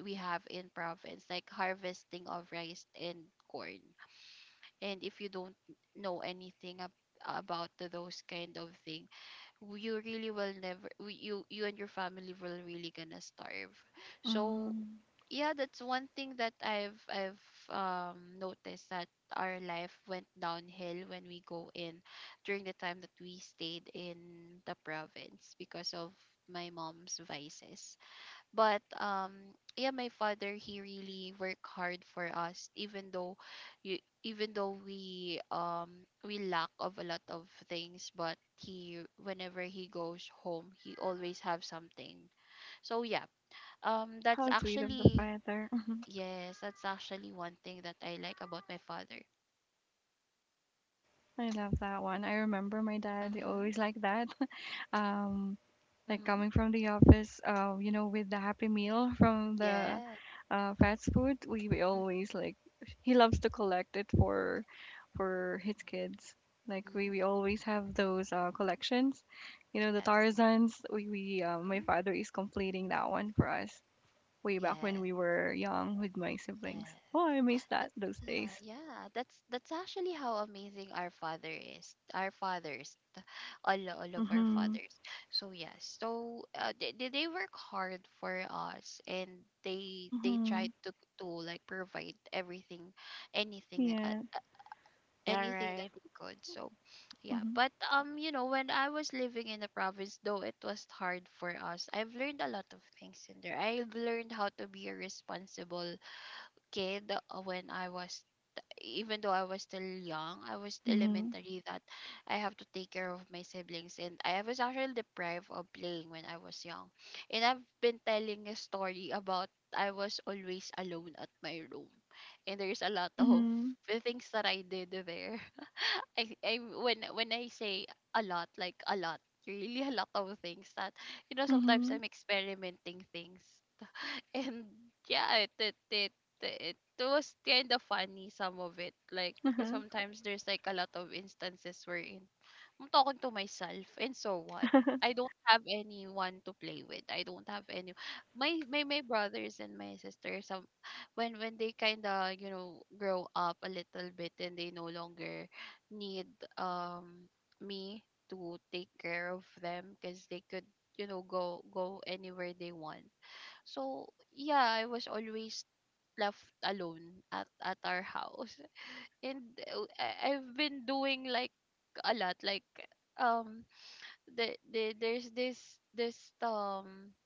S1: we have in province, like harvesting of rice and corn. And if you don't know anything about those kind of thing, you really will never you and your family will really gonna starve. So
S3: Mm.
S1: yeah, that's one thing that I've noticed, that our life went downhill when we go in, during the time that we stayed in the province, because of my mom's vices. But yeah, my father, he really worked hard for us, even though you even though we lack of a lot of things, but he whenever he goes home, he always have something. So yeah, that's
S3: How sweet of the
S1: actually,
S3: father. Mm-hmm.
S1: yes, that's actually one thing that I like about my father.
S3: I love that one. I remember my dad
S1: Mhm.
S3: always like that. Um, like
S1: Mhm.
S3: coming from the office, with the Happy Meal from the
S1: Yeah.
S3: fast food, we always like he loves to collect it for his kids. Like we,
S1: Mhm.
S3: we always have those collections, you know, the
S1: Yes.
S3: Tarzans. We My
S1: Mhm.
S3: father is completing that one for us way back when
S1: Yes.
S3: we were young with my siblings.
S1: Yes.
S3: Oh, I miss
S1: That's
S3: that those days.
S1: yeah, that's actually how amazing our father is. Our fathers, all of our
S3: Mhm.
S1: fathers. So yes, so they they work hard for us, and they try
S3: Mhm.
S1: to like provide everything, anything,
S3: Yeah.
S2: yeah,
S1: anything that
S2: right.
S1: they could. So, yeah,
S3: Mhm.
S1: but you know, when I was living in the province, though it was hard for us, I've learned a lot of things in there. I've learned how to be a responsible kid when I was, even though I was still young, I was
S3: Mhm.
S1: elementary, that I have to take care of my siblings, and I was actually deprived of playing when I was young. And I've been telling a story about, I was always alone at my room. And there's a lot of
S3: Mhm.
S1: the things that I did there. I when I say a lot, like a lot, really a lot of things that, you know, sometimes
S3: Mhm.
S1: I'm experimenting things and yeah, it was kind of funny, some of it, like 'cause
S3: Uh-huh.
S1: sometimes there's like a lot of instances wherein I'm talking to myself. And so what, I don't have anyone to play with, I don't have any, my brothers and my sister, some when they kind of, you know, grow up a little bit, and they no longer need um me to take care of them, because they could, you know, go anywhere they want. So, yeah, I was always left alone at our house. And I- I've been doing like a lot, like um there's this this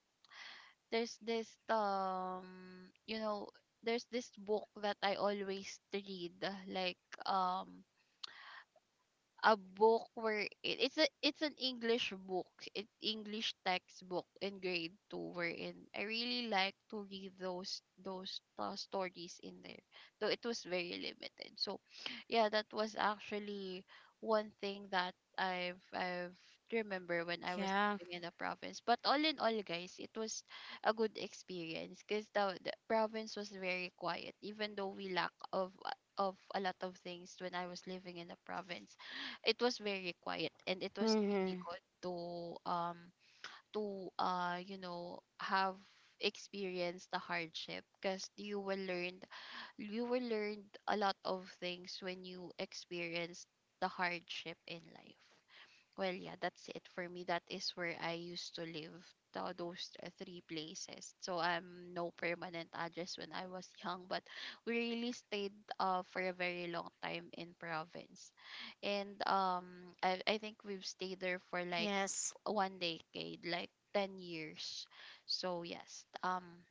S1: there's this, you know, there's this book that I always read, like, a book where it's a, it's an English book, it English textbook in grade two. Wherein I really like to read those stories in there, though it was very limited. So, yeah, that was actually one thing that I've remember when I was
S2: Yeah.
S1: living in the province. But all in all, guys, it was a good experience because the province was very quiet. Even though we lack of a lot of things when I was living in the province, it was very quiet, and it was really
S2: Mm-hmm.
S1: good to you know have experienced the hardship, because you will learn, you will learn a lot of things when you experience the hardship in life. Well, yeah, that's it for me. That is where I used to live, those three places. So I'm no permanent address when I was young, but we really stayed for a very long time in province. And I think we've stayed there for like
S2: Yes.
S1: one decade, like 10 years. So yes,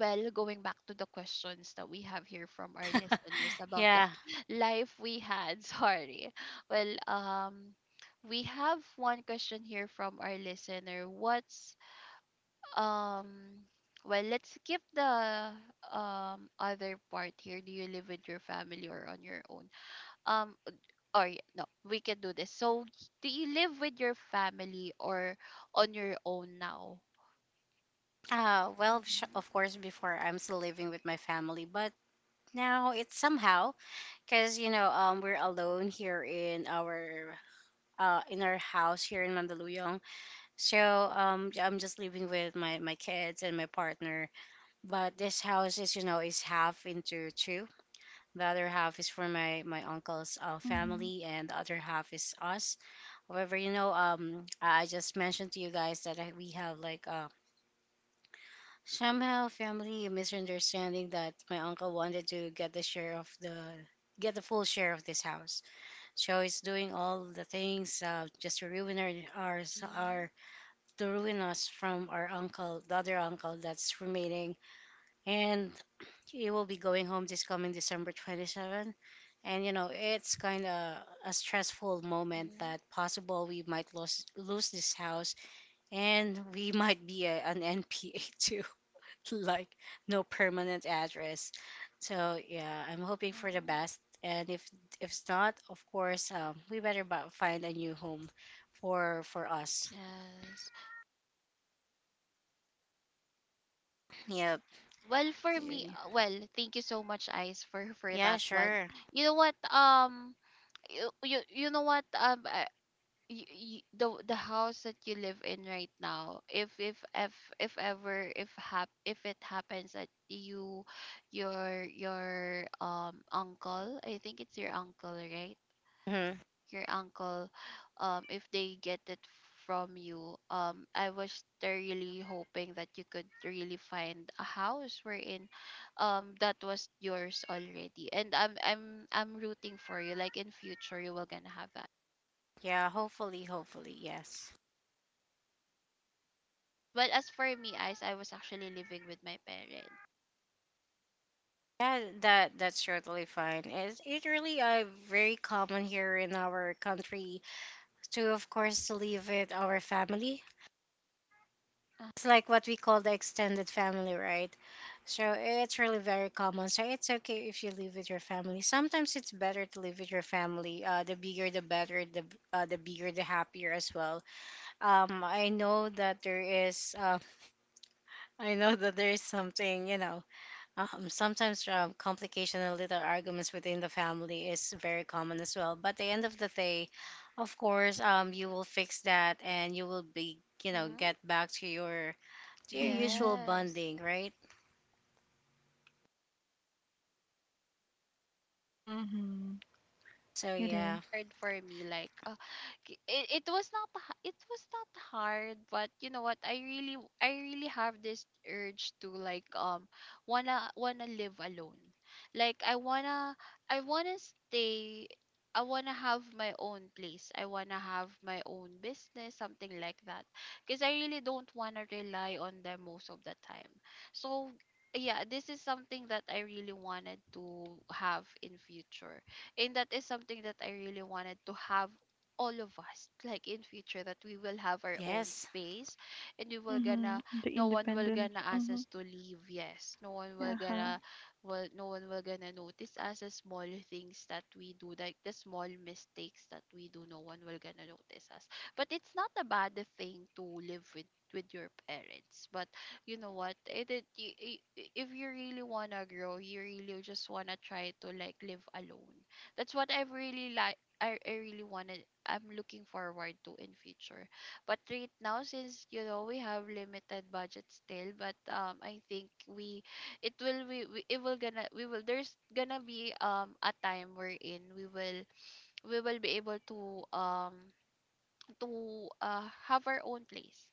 S1: well, going back to the questions that we have here from our listeners about the
S2: Yeah.
S1: life we had, sorry. Well, we have one question here from our listener. What's um, well, let's skip the other part here. Do you live with your family or on your own? Um, or no, we can do this. So, do you live with your family or on your own now? Mhm.
S2: Of course, before I'm still living with my family, but now it's somehow because we're alone here in our house here in Mandaluyong. So I'm just living with my kids and my partner. But this house is is half into two. The other half is for my uncle's
S3: Mhm.
S2: family, and the other half is us. However, you know, I just mentioned to you guys that I, we have like somehow, family misunderstanding that my uncle wanted to get the full share of this house. So he's doing all the things just to ruin our, our
S1: Mhm.
S2: our to ruin us from our uncle, the other uncle that's remaining, and he will be going home this coming December 27. And you know, it's kind of a stressful moment
S1: Mhm.
S2: that possible we might lose this house, and we might be a, an NPA too. Like, no permanent address. So yeah, I'm hoping for the
S1: Mhm.
S2: best. And if it's not, of course, we better find a new home for us.
S1: Yes.
S2: Yep.
S1: Yeah, well for me well, thank you so much, Ice, for
S2: Yeah,
S1: that one.
S2: sure.
S1: You know what, you know what, y y the house that you live in right now, if if ever, if it happens that your uncle, I think it's your uncle, right?
S2: Hmm.
S1: Your uncle, if they get it from you, I was really hoping that you could really find a house wherein, that was yours already, and I'm rooting for you, like in future you will gonna have that.
S2: Yeah, hopefully, hopefully, yes.
S1: But as for me, eyes I was actually living with my parents.
S2: Yeah, that that's totally fine. It's it really very common here in our country to, of course, to live with our family. It's like what we call the extended family, right? So it's really very common. So it's okay if you live with your family. Sometimes it's better to live with your family. The bigger, the better. The bigger, the happier as well. I know that there is. I know that there is something. You know, sometimes complication and little arguments within the family is very common as well. But at the end of the day, of course, you will fix that, and you will be, you know,
S1: Uh-huh.
S2: get back to your
S3: Mhm.
S2: usual
S1: Yes.
S2: bonding, right?
S1: Yes, exactly. You know what, Ice? I was still living with my parents, and it
S3: Mhm.
S1: was
S2: So
S3: It
S1: kind of
S2: yeah.
S3: is.
S1: hard for me. Like, it was not it was not hard, but you know what? I really I really have this urge to like wanna live alone. Like, I wanna, I wanna stay. I wanna have my own place. I wanna have my own business, something like that. Because I really don't wanna rely on them most of the time. So yeah, this is something that I really wanted to have in future. And that is something that I really wanted to have, all of us, like in future, that we will have our own
S2: Yes.
S1: space, and we will
S3: Mhm.
S1: gonna,
S3: The
S1: no one will
S3: independence.
S1: gonna ask
S3: Mhm.
S1: us to leave. Yes, no one will
S3: Uh-huh.
S1: gonna, well, no one will gonna notice us the small things that we do, like the small mistakes that we do, no one will gonna notice us. But it's not a bad thing to live with your parents. But you know what, if you really wanna grow, you really just wanna try to like live alone. That's what I've really like, I really wanna, I'm looking forward to in future. But right now, since you know we have limited budget still, but I think we it will gonna we will there's gonna be a time wherein we will be able to have our own place.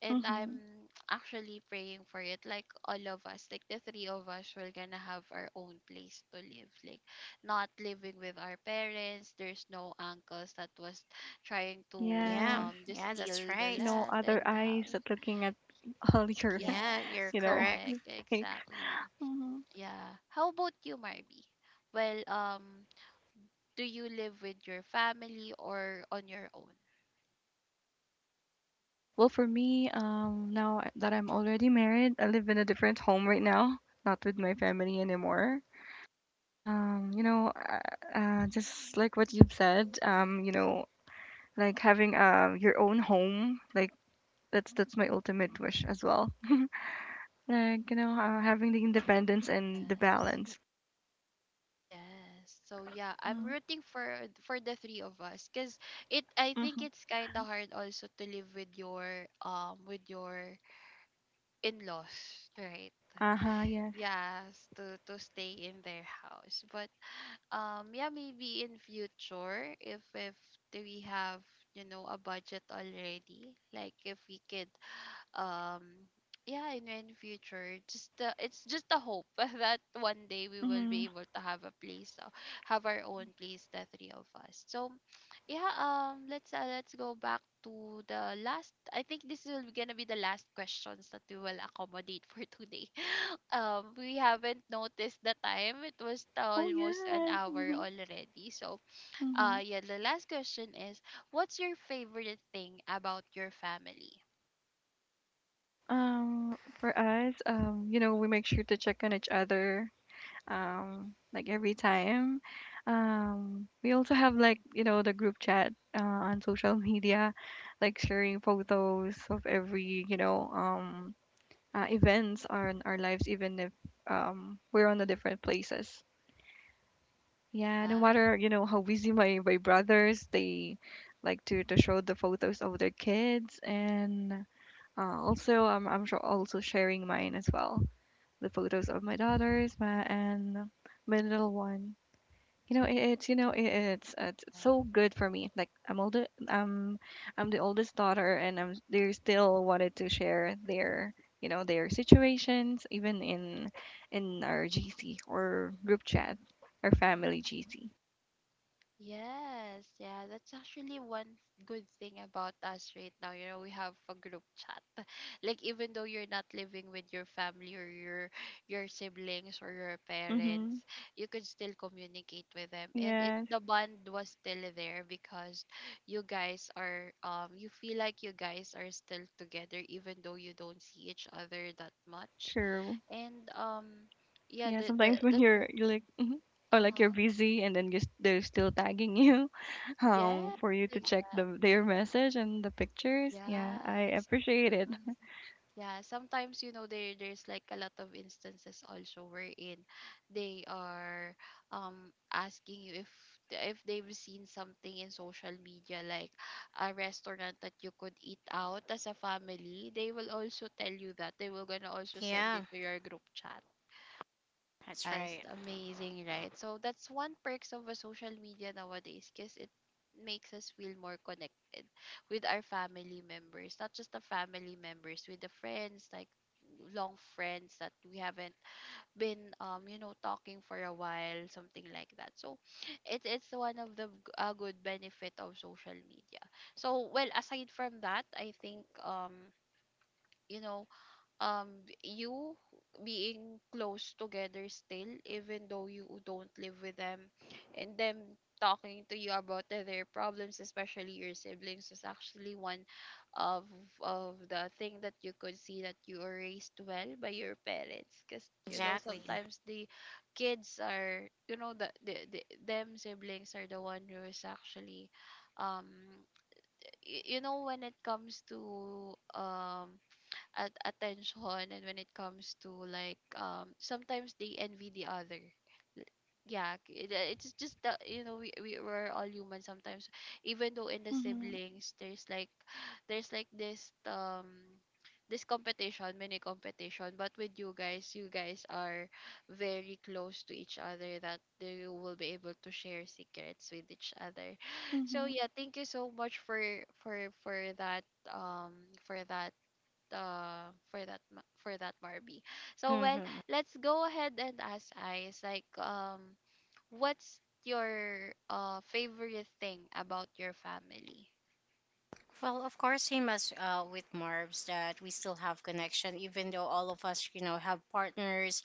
S1: And
S3: Mhm.
S1: I'm actually praying for it, like all of us, like the three of us, we're gonna have our own place to live, like not living with our parents. There's no uncles that was trying
S2: Yeah,
S3: Yes.
S1: to
S2: yeah, that's
S1: steal the
S2: right.
S3: No
S1: land
S3: other
S1: and the
S3: eyes
S1: house.
S3: that looking at all your,
S2: Yeah, you're
S1: Yes,
S3: you know,
S2: correct.
S1: correct,
S3: mistakes.
S1: exactly.
S3: Mhm.
S1: Yeah. How about you, Marby? Well, do you live with your family or on your own?
S3: Well, for me, now that I'm already married, I live in a different home right now, not with my family anymore. Just like what you've said, like having your own home like that's my ultimate wish as well like you know having the independence and the
S1: Yes.
S3: balance.
S1: Yes. So yeah, I'm
S3: Mm-hmm.
S1: rooting for the three of us, because it, I think it's kind of hard also to live with your in-laws, right?
S3: Uh-huh, yes,
S1: Yes, to stay in their house. But yeah, maybe in future, if do we have, you know, a budget already, like if we could um yeah, in future, just it's just a hope that one day we will be
S3: mm-hmm.
S1: able to have a place, have our own place, the three of us. So yeah, let's go back to the last, I think this will be gonna be the last questions that we will accommodate for today. We haven't noticed the time, it was
S3: Oh
S1: almost an
S3: yes,
S1: hour
S3: mm-hmm.
S1: already. So
S3: Mm-hmm.
S1: yeah, the last question is, what's your favorite thing about your family?
S3: For us you know we make sure to check on each other like every time we also have like you know the group chat on social media like sharing photos of every you know events on our lives, even if we're on the
S1: Mm,
S3: different places. Yeah, no
S1: yeah.
S3: matter you know how busy my brothers, they like to show the photos of their kids, and also I'm sure also sharing mine as well, the photos of my daughters, my and my little one. You know, it, it's you know, it, it's
S1: Yeah.
S3: so good for me. Like I'm older, I'm the oldest daughter, and I'm they still wanted to share their you know their situations even in our GC or group chat, our
S1: Mm-hmm.
S3: family GC.
S1: Yes, yeah, that's actually one good thing about us right now. You know, we have a group chat. Like even though you're not living with your family or your siblings or your
S3: Mhm.
S1: parents, you could still communicate with them. And it
S3: Yes,
S1: the bond was still there because you guys are you feel like you guys are still together even though you don't see each other that much.
S3: true.
S1: And yeah,
S3: Yeah,
S1: the
S3: sometimes when
S1: that's
S3: you're like mhm, or like
S1: uh-huh.
S3: you're busy and then you s- they're still tagging you,
S1: Yes,
S3: for you to check the
S1: exactly.
S3: their message and the pictures. Yeah, I
S1: Yes.
S3: appreciate it.
S1: Mhm. Yeah, sometimes there's like a lot of instances also wherein they are asking you if they've seen something in social media, like a restaurant that you could eat out as a family, they will also tell you that. They will gonna also send it
S2: Yeah,
S1: to your group chat.
S2: that's
S1: Podcast.
S2: right.
S1: Amazing, right? So that's one perks of a social media nowadays because it makes us feel more connected with our family members, not just the family members, with the friends, like long friends that we haven't been talking for a while, something like that. So it's one of the good benefit of social media. So well, aside from that, I think you know um you being close together still even though you don't live with them, and them talking to you about their problems, especially your siblings, is actually one of the thing that you could see that you were raised well by your parents. Because
S2: Exactly.
S1: sometimes the kids are the them siblings are the one who is actually um when it comes to at attention, and when it comes to like sometimes they envy the other. Yeah, it's just that we we're all human sometimes, even though in the
S3: Mhm.
S1: siblings there's like, there's like this this competition, mini competition, but with you guys, you guys are very close to each other that they will be able to share secrets with each other. so
S3: Mhm.
S1: yeah, thank you so much for for that, um for that, for that, for that, Marby. So well,
S2: Hmm.
S1: let's go ahead and ask Ice, like what's your favorite thing about your family?
S2: Well, of course, same as with Marbs, that we still have connection, even though all of us, you know, have partners.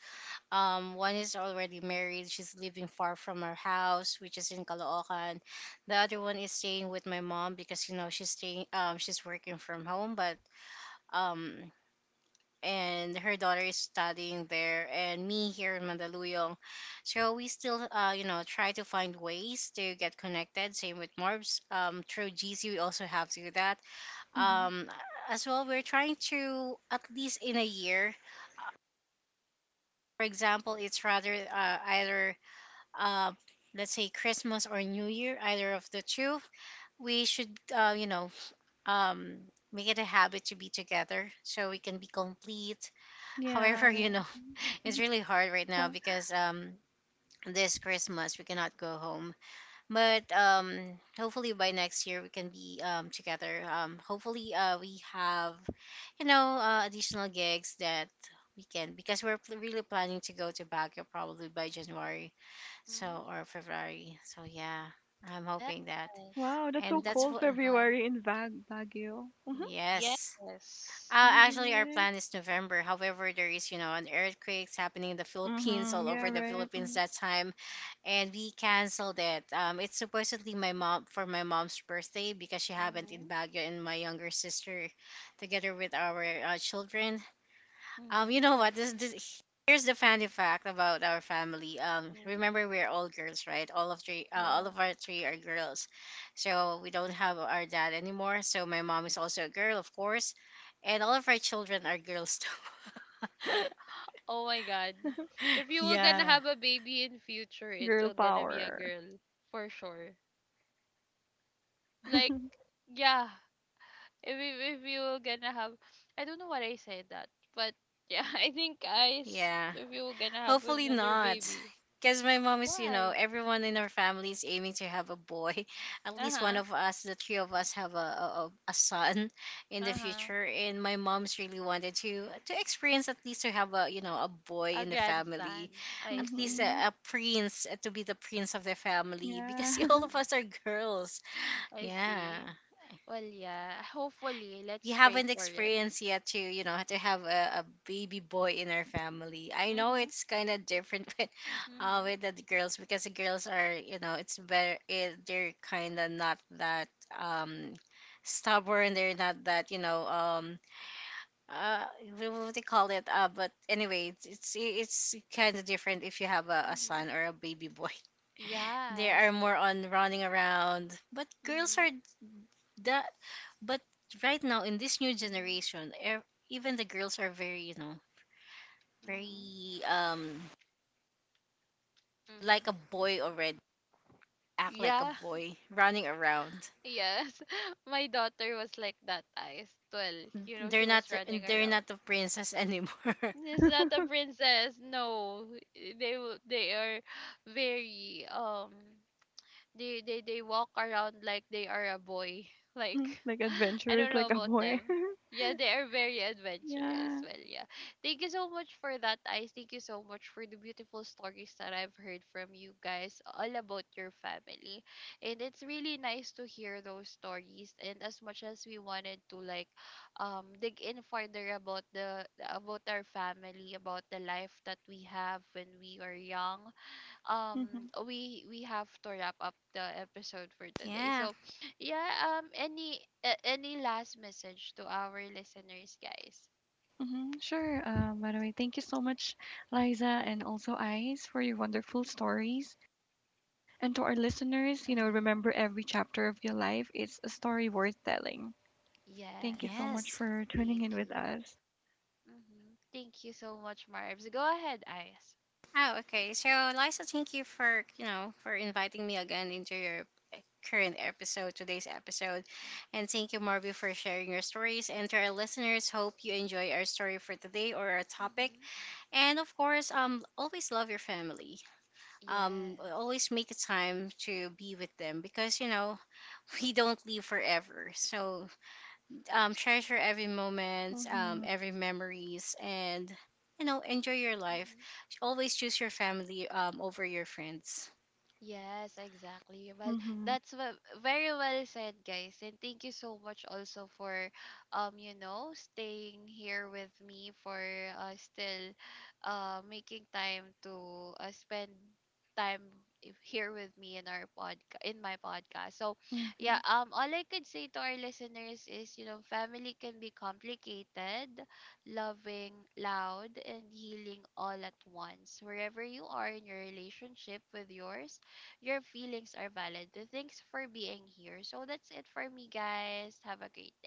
S2: One is already married; she's living far from our house, which is in Caloocan. The other one is staying with my mom because you know she's staying, she's working from home, but um and her daughter is studying there and me here in Mandaluyong. So we still you know try to find ways to get connected. Same with Morbs. Through GC we also have to do that.
S3: Mhm.
S2: Um, as well we're trying to at least in a year. For example, it's rather either uh, let's say Christmas or New Year, either of the two. We should um, make it a habit to be together so we can be complete. However,
S3: Yeah,
S2: you
S3: right.
S2: know, it's really hard right now
S3: Huh.
S2: because this Christmas we cannot go home. But hopefully by next year we can be together. Hopefully we have additional gigs that we can because we're really planning to go to Baguio probably by January, so
S1: Hmm.
S2: or February. So yeah, I'm
S1: Yes.
S2: hoping that.
S3: Wow, that's
S1: The
S3: so
S2: And
S1: mini
S2: that's
S3: cold
S2: what
S1: bun.
S3: February in Bag Baguio. Mhm.
S2: yes.
S1: Yes.
S2: Actually, our
S3: Easy.
S2: plan is November. However, there is, you know, an earthquakes happening in the Philippines,
S3: Mhm.
S2: all
S3: Yeah,
S2: over the
S1: Mm-hmm.
S3: right.
S2: Philippines
S3: Mhm.
S2: that time, and we canceled it. It's supposedly my mom for my mom's birthday because she haven't
S1: Mm-hmm.
S2: in Baguio and my younger sister, together with our children,
S1: Mm-hmm.
S2: you know what? This here's the funny fact about our family.
S1: Mm-hmm.
S2: Remember we're all girls, right? All of three, all
S1: Yes.
S2: of our three are girls, so we don't have our dad anymore. So my mom is also a girl, of course, and all of our children are girls too.
S1: Oh my god. If you were gonna
S2: Yeah,
S1: have a baby in future, it will
S3: Girl
S1: gonna be a
S3: power.
S1: girl. For sure. Like, yeah. if we, if we were gonna have, I don't know what I said that, but yeah. I think, guys,
S2: yeah.
S1: if you were gonna have
S2: Hopefully
S1: another
S2: not.
S1: baby,
S2: Because my mom is, you
S1: why?
S2: know, everyone in our family is aiming to have a boy. At least
S1: Uh-huh.
S2: one of us, the three of us, have a son in the
S1: Uh-huh.
S2: future. And my mom's really wanted to experience at least to have a, you know, a
S1: A
S2: boy in the
S1: grandson.
S2: family,
S1: I
S2: at least
S1: see.
S3: Mhm.
S2: a prince to be the prince of the family. Because
S3: Yeah.
S2: all of
S1: Mm-hmm.
S2: us are girls.
S1: I see.
S2: Yeah,
S1: Well yeah, hopefully let's
S2: we
S1: pray
S2: haven't
S1: for it.
S2: experienced yet to you know to have a baby boy in our family. I know
S1: Mm-hmm.
S2: it's kind of different
S1: Mm-hmm.
S2: with the girls because the girls are you know it's better it, they're kind of not that um stubborn, they're not that you know uh what do they call it, but anyway it's it's kind of different if you have a son
S1: Mm-hmm.
S2: or a baby boy. They
S1: Yes.
S2: are more on running around but
S1: Mm-hmm.
S2: girls are that, but right now in this new
S1: Mm-hmm.
S2: generation even the girls are very you know
S1: Mm-hmm.
S2: very
S1: Mm-hmm.
S2: like a boy already, act like
S1: Yeah.
S2: a boy running around.
S1: Yes. my daughter was like that, Eyes. Well, you know, she
S2: they're
S1: was
S2: not
S1: running
S2: they're
S1: around.
S2: not the princess anymore.
S1: It's not a princess. No, eh, they are very they they walk around like they are a boy. Like,
S3: Like
S1: I don't
S3: adventurous
S1: know
S3: like a
S1: about
S3: boy.
S1: them. Yeah, they are very adventurous.
S3: Yeah.
S1: Well, yeah. Thank you so much for that, Ice. Thank you so much for the beautiful stories that I've heard from you guys all about your family. And it's really nice to hear those stories. And as much as we wanted to like dig in further about the about our family, about the life that we have when we are young, um
S3: Mhm.
S1: we have to wrap up the episode for today. So
S2: Yeah.
S1: yeah, any last message to our listeners, guys?
S3: Mhm. Sure. By the way, thank you so much, Liza and also Ice, for your wonderful stories. And to our listeners, you know,
S1: Uh-huh.
S3: remember every chapter of your life is a story worth telling. Thank you
S1: Yes,
S3: so
S1: that.
S3: much
S2: Yes.
S3: for
S1: Thank
S3: tuning in with
S1: you.
S3: us.
S1: Mm-hmm. Thank you so much, Marbs. Go ahead, Eyes.
S2: Oh, okay. So Liza, thank you for you know for inviting me again into your eh, current episode, today's episode, and thank you Marvy for sharing your stories, and to our listeners, hope you enjoy our story for today or our topic.
S1: Mm-hmm.
S2: And of course, always love your family.
S1: Yes.
S2: Always make a time to be with them because you know we don't live forever. So treasure every moment,
S3: 嗯 哼，
S2: every memories, and you know enjoy your life.
S1: Mm-hmm.
S2: Always choose your family over your friends.
S1: Yes, exactly. Well,
S3: 嗯哼，
S1: that's what, very well said, guys. And thank you so much also for you know, staying here with me for still making time to spend time here with me in our podcast, in my podcast. So
S3: 嗯
S1: yeah,
S3: 哼。
S1: all I could say to our listeners is, you know, family can be complicated, loving, loud, and healing all at once. Wherever you are in your relationship with yours, your feelings are valid. Thanks for being here. So that's it for me, guys. Have a great day.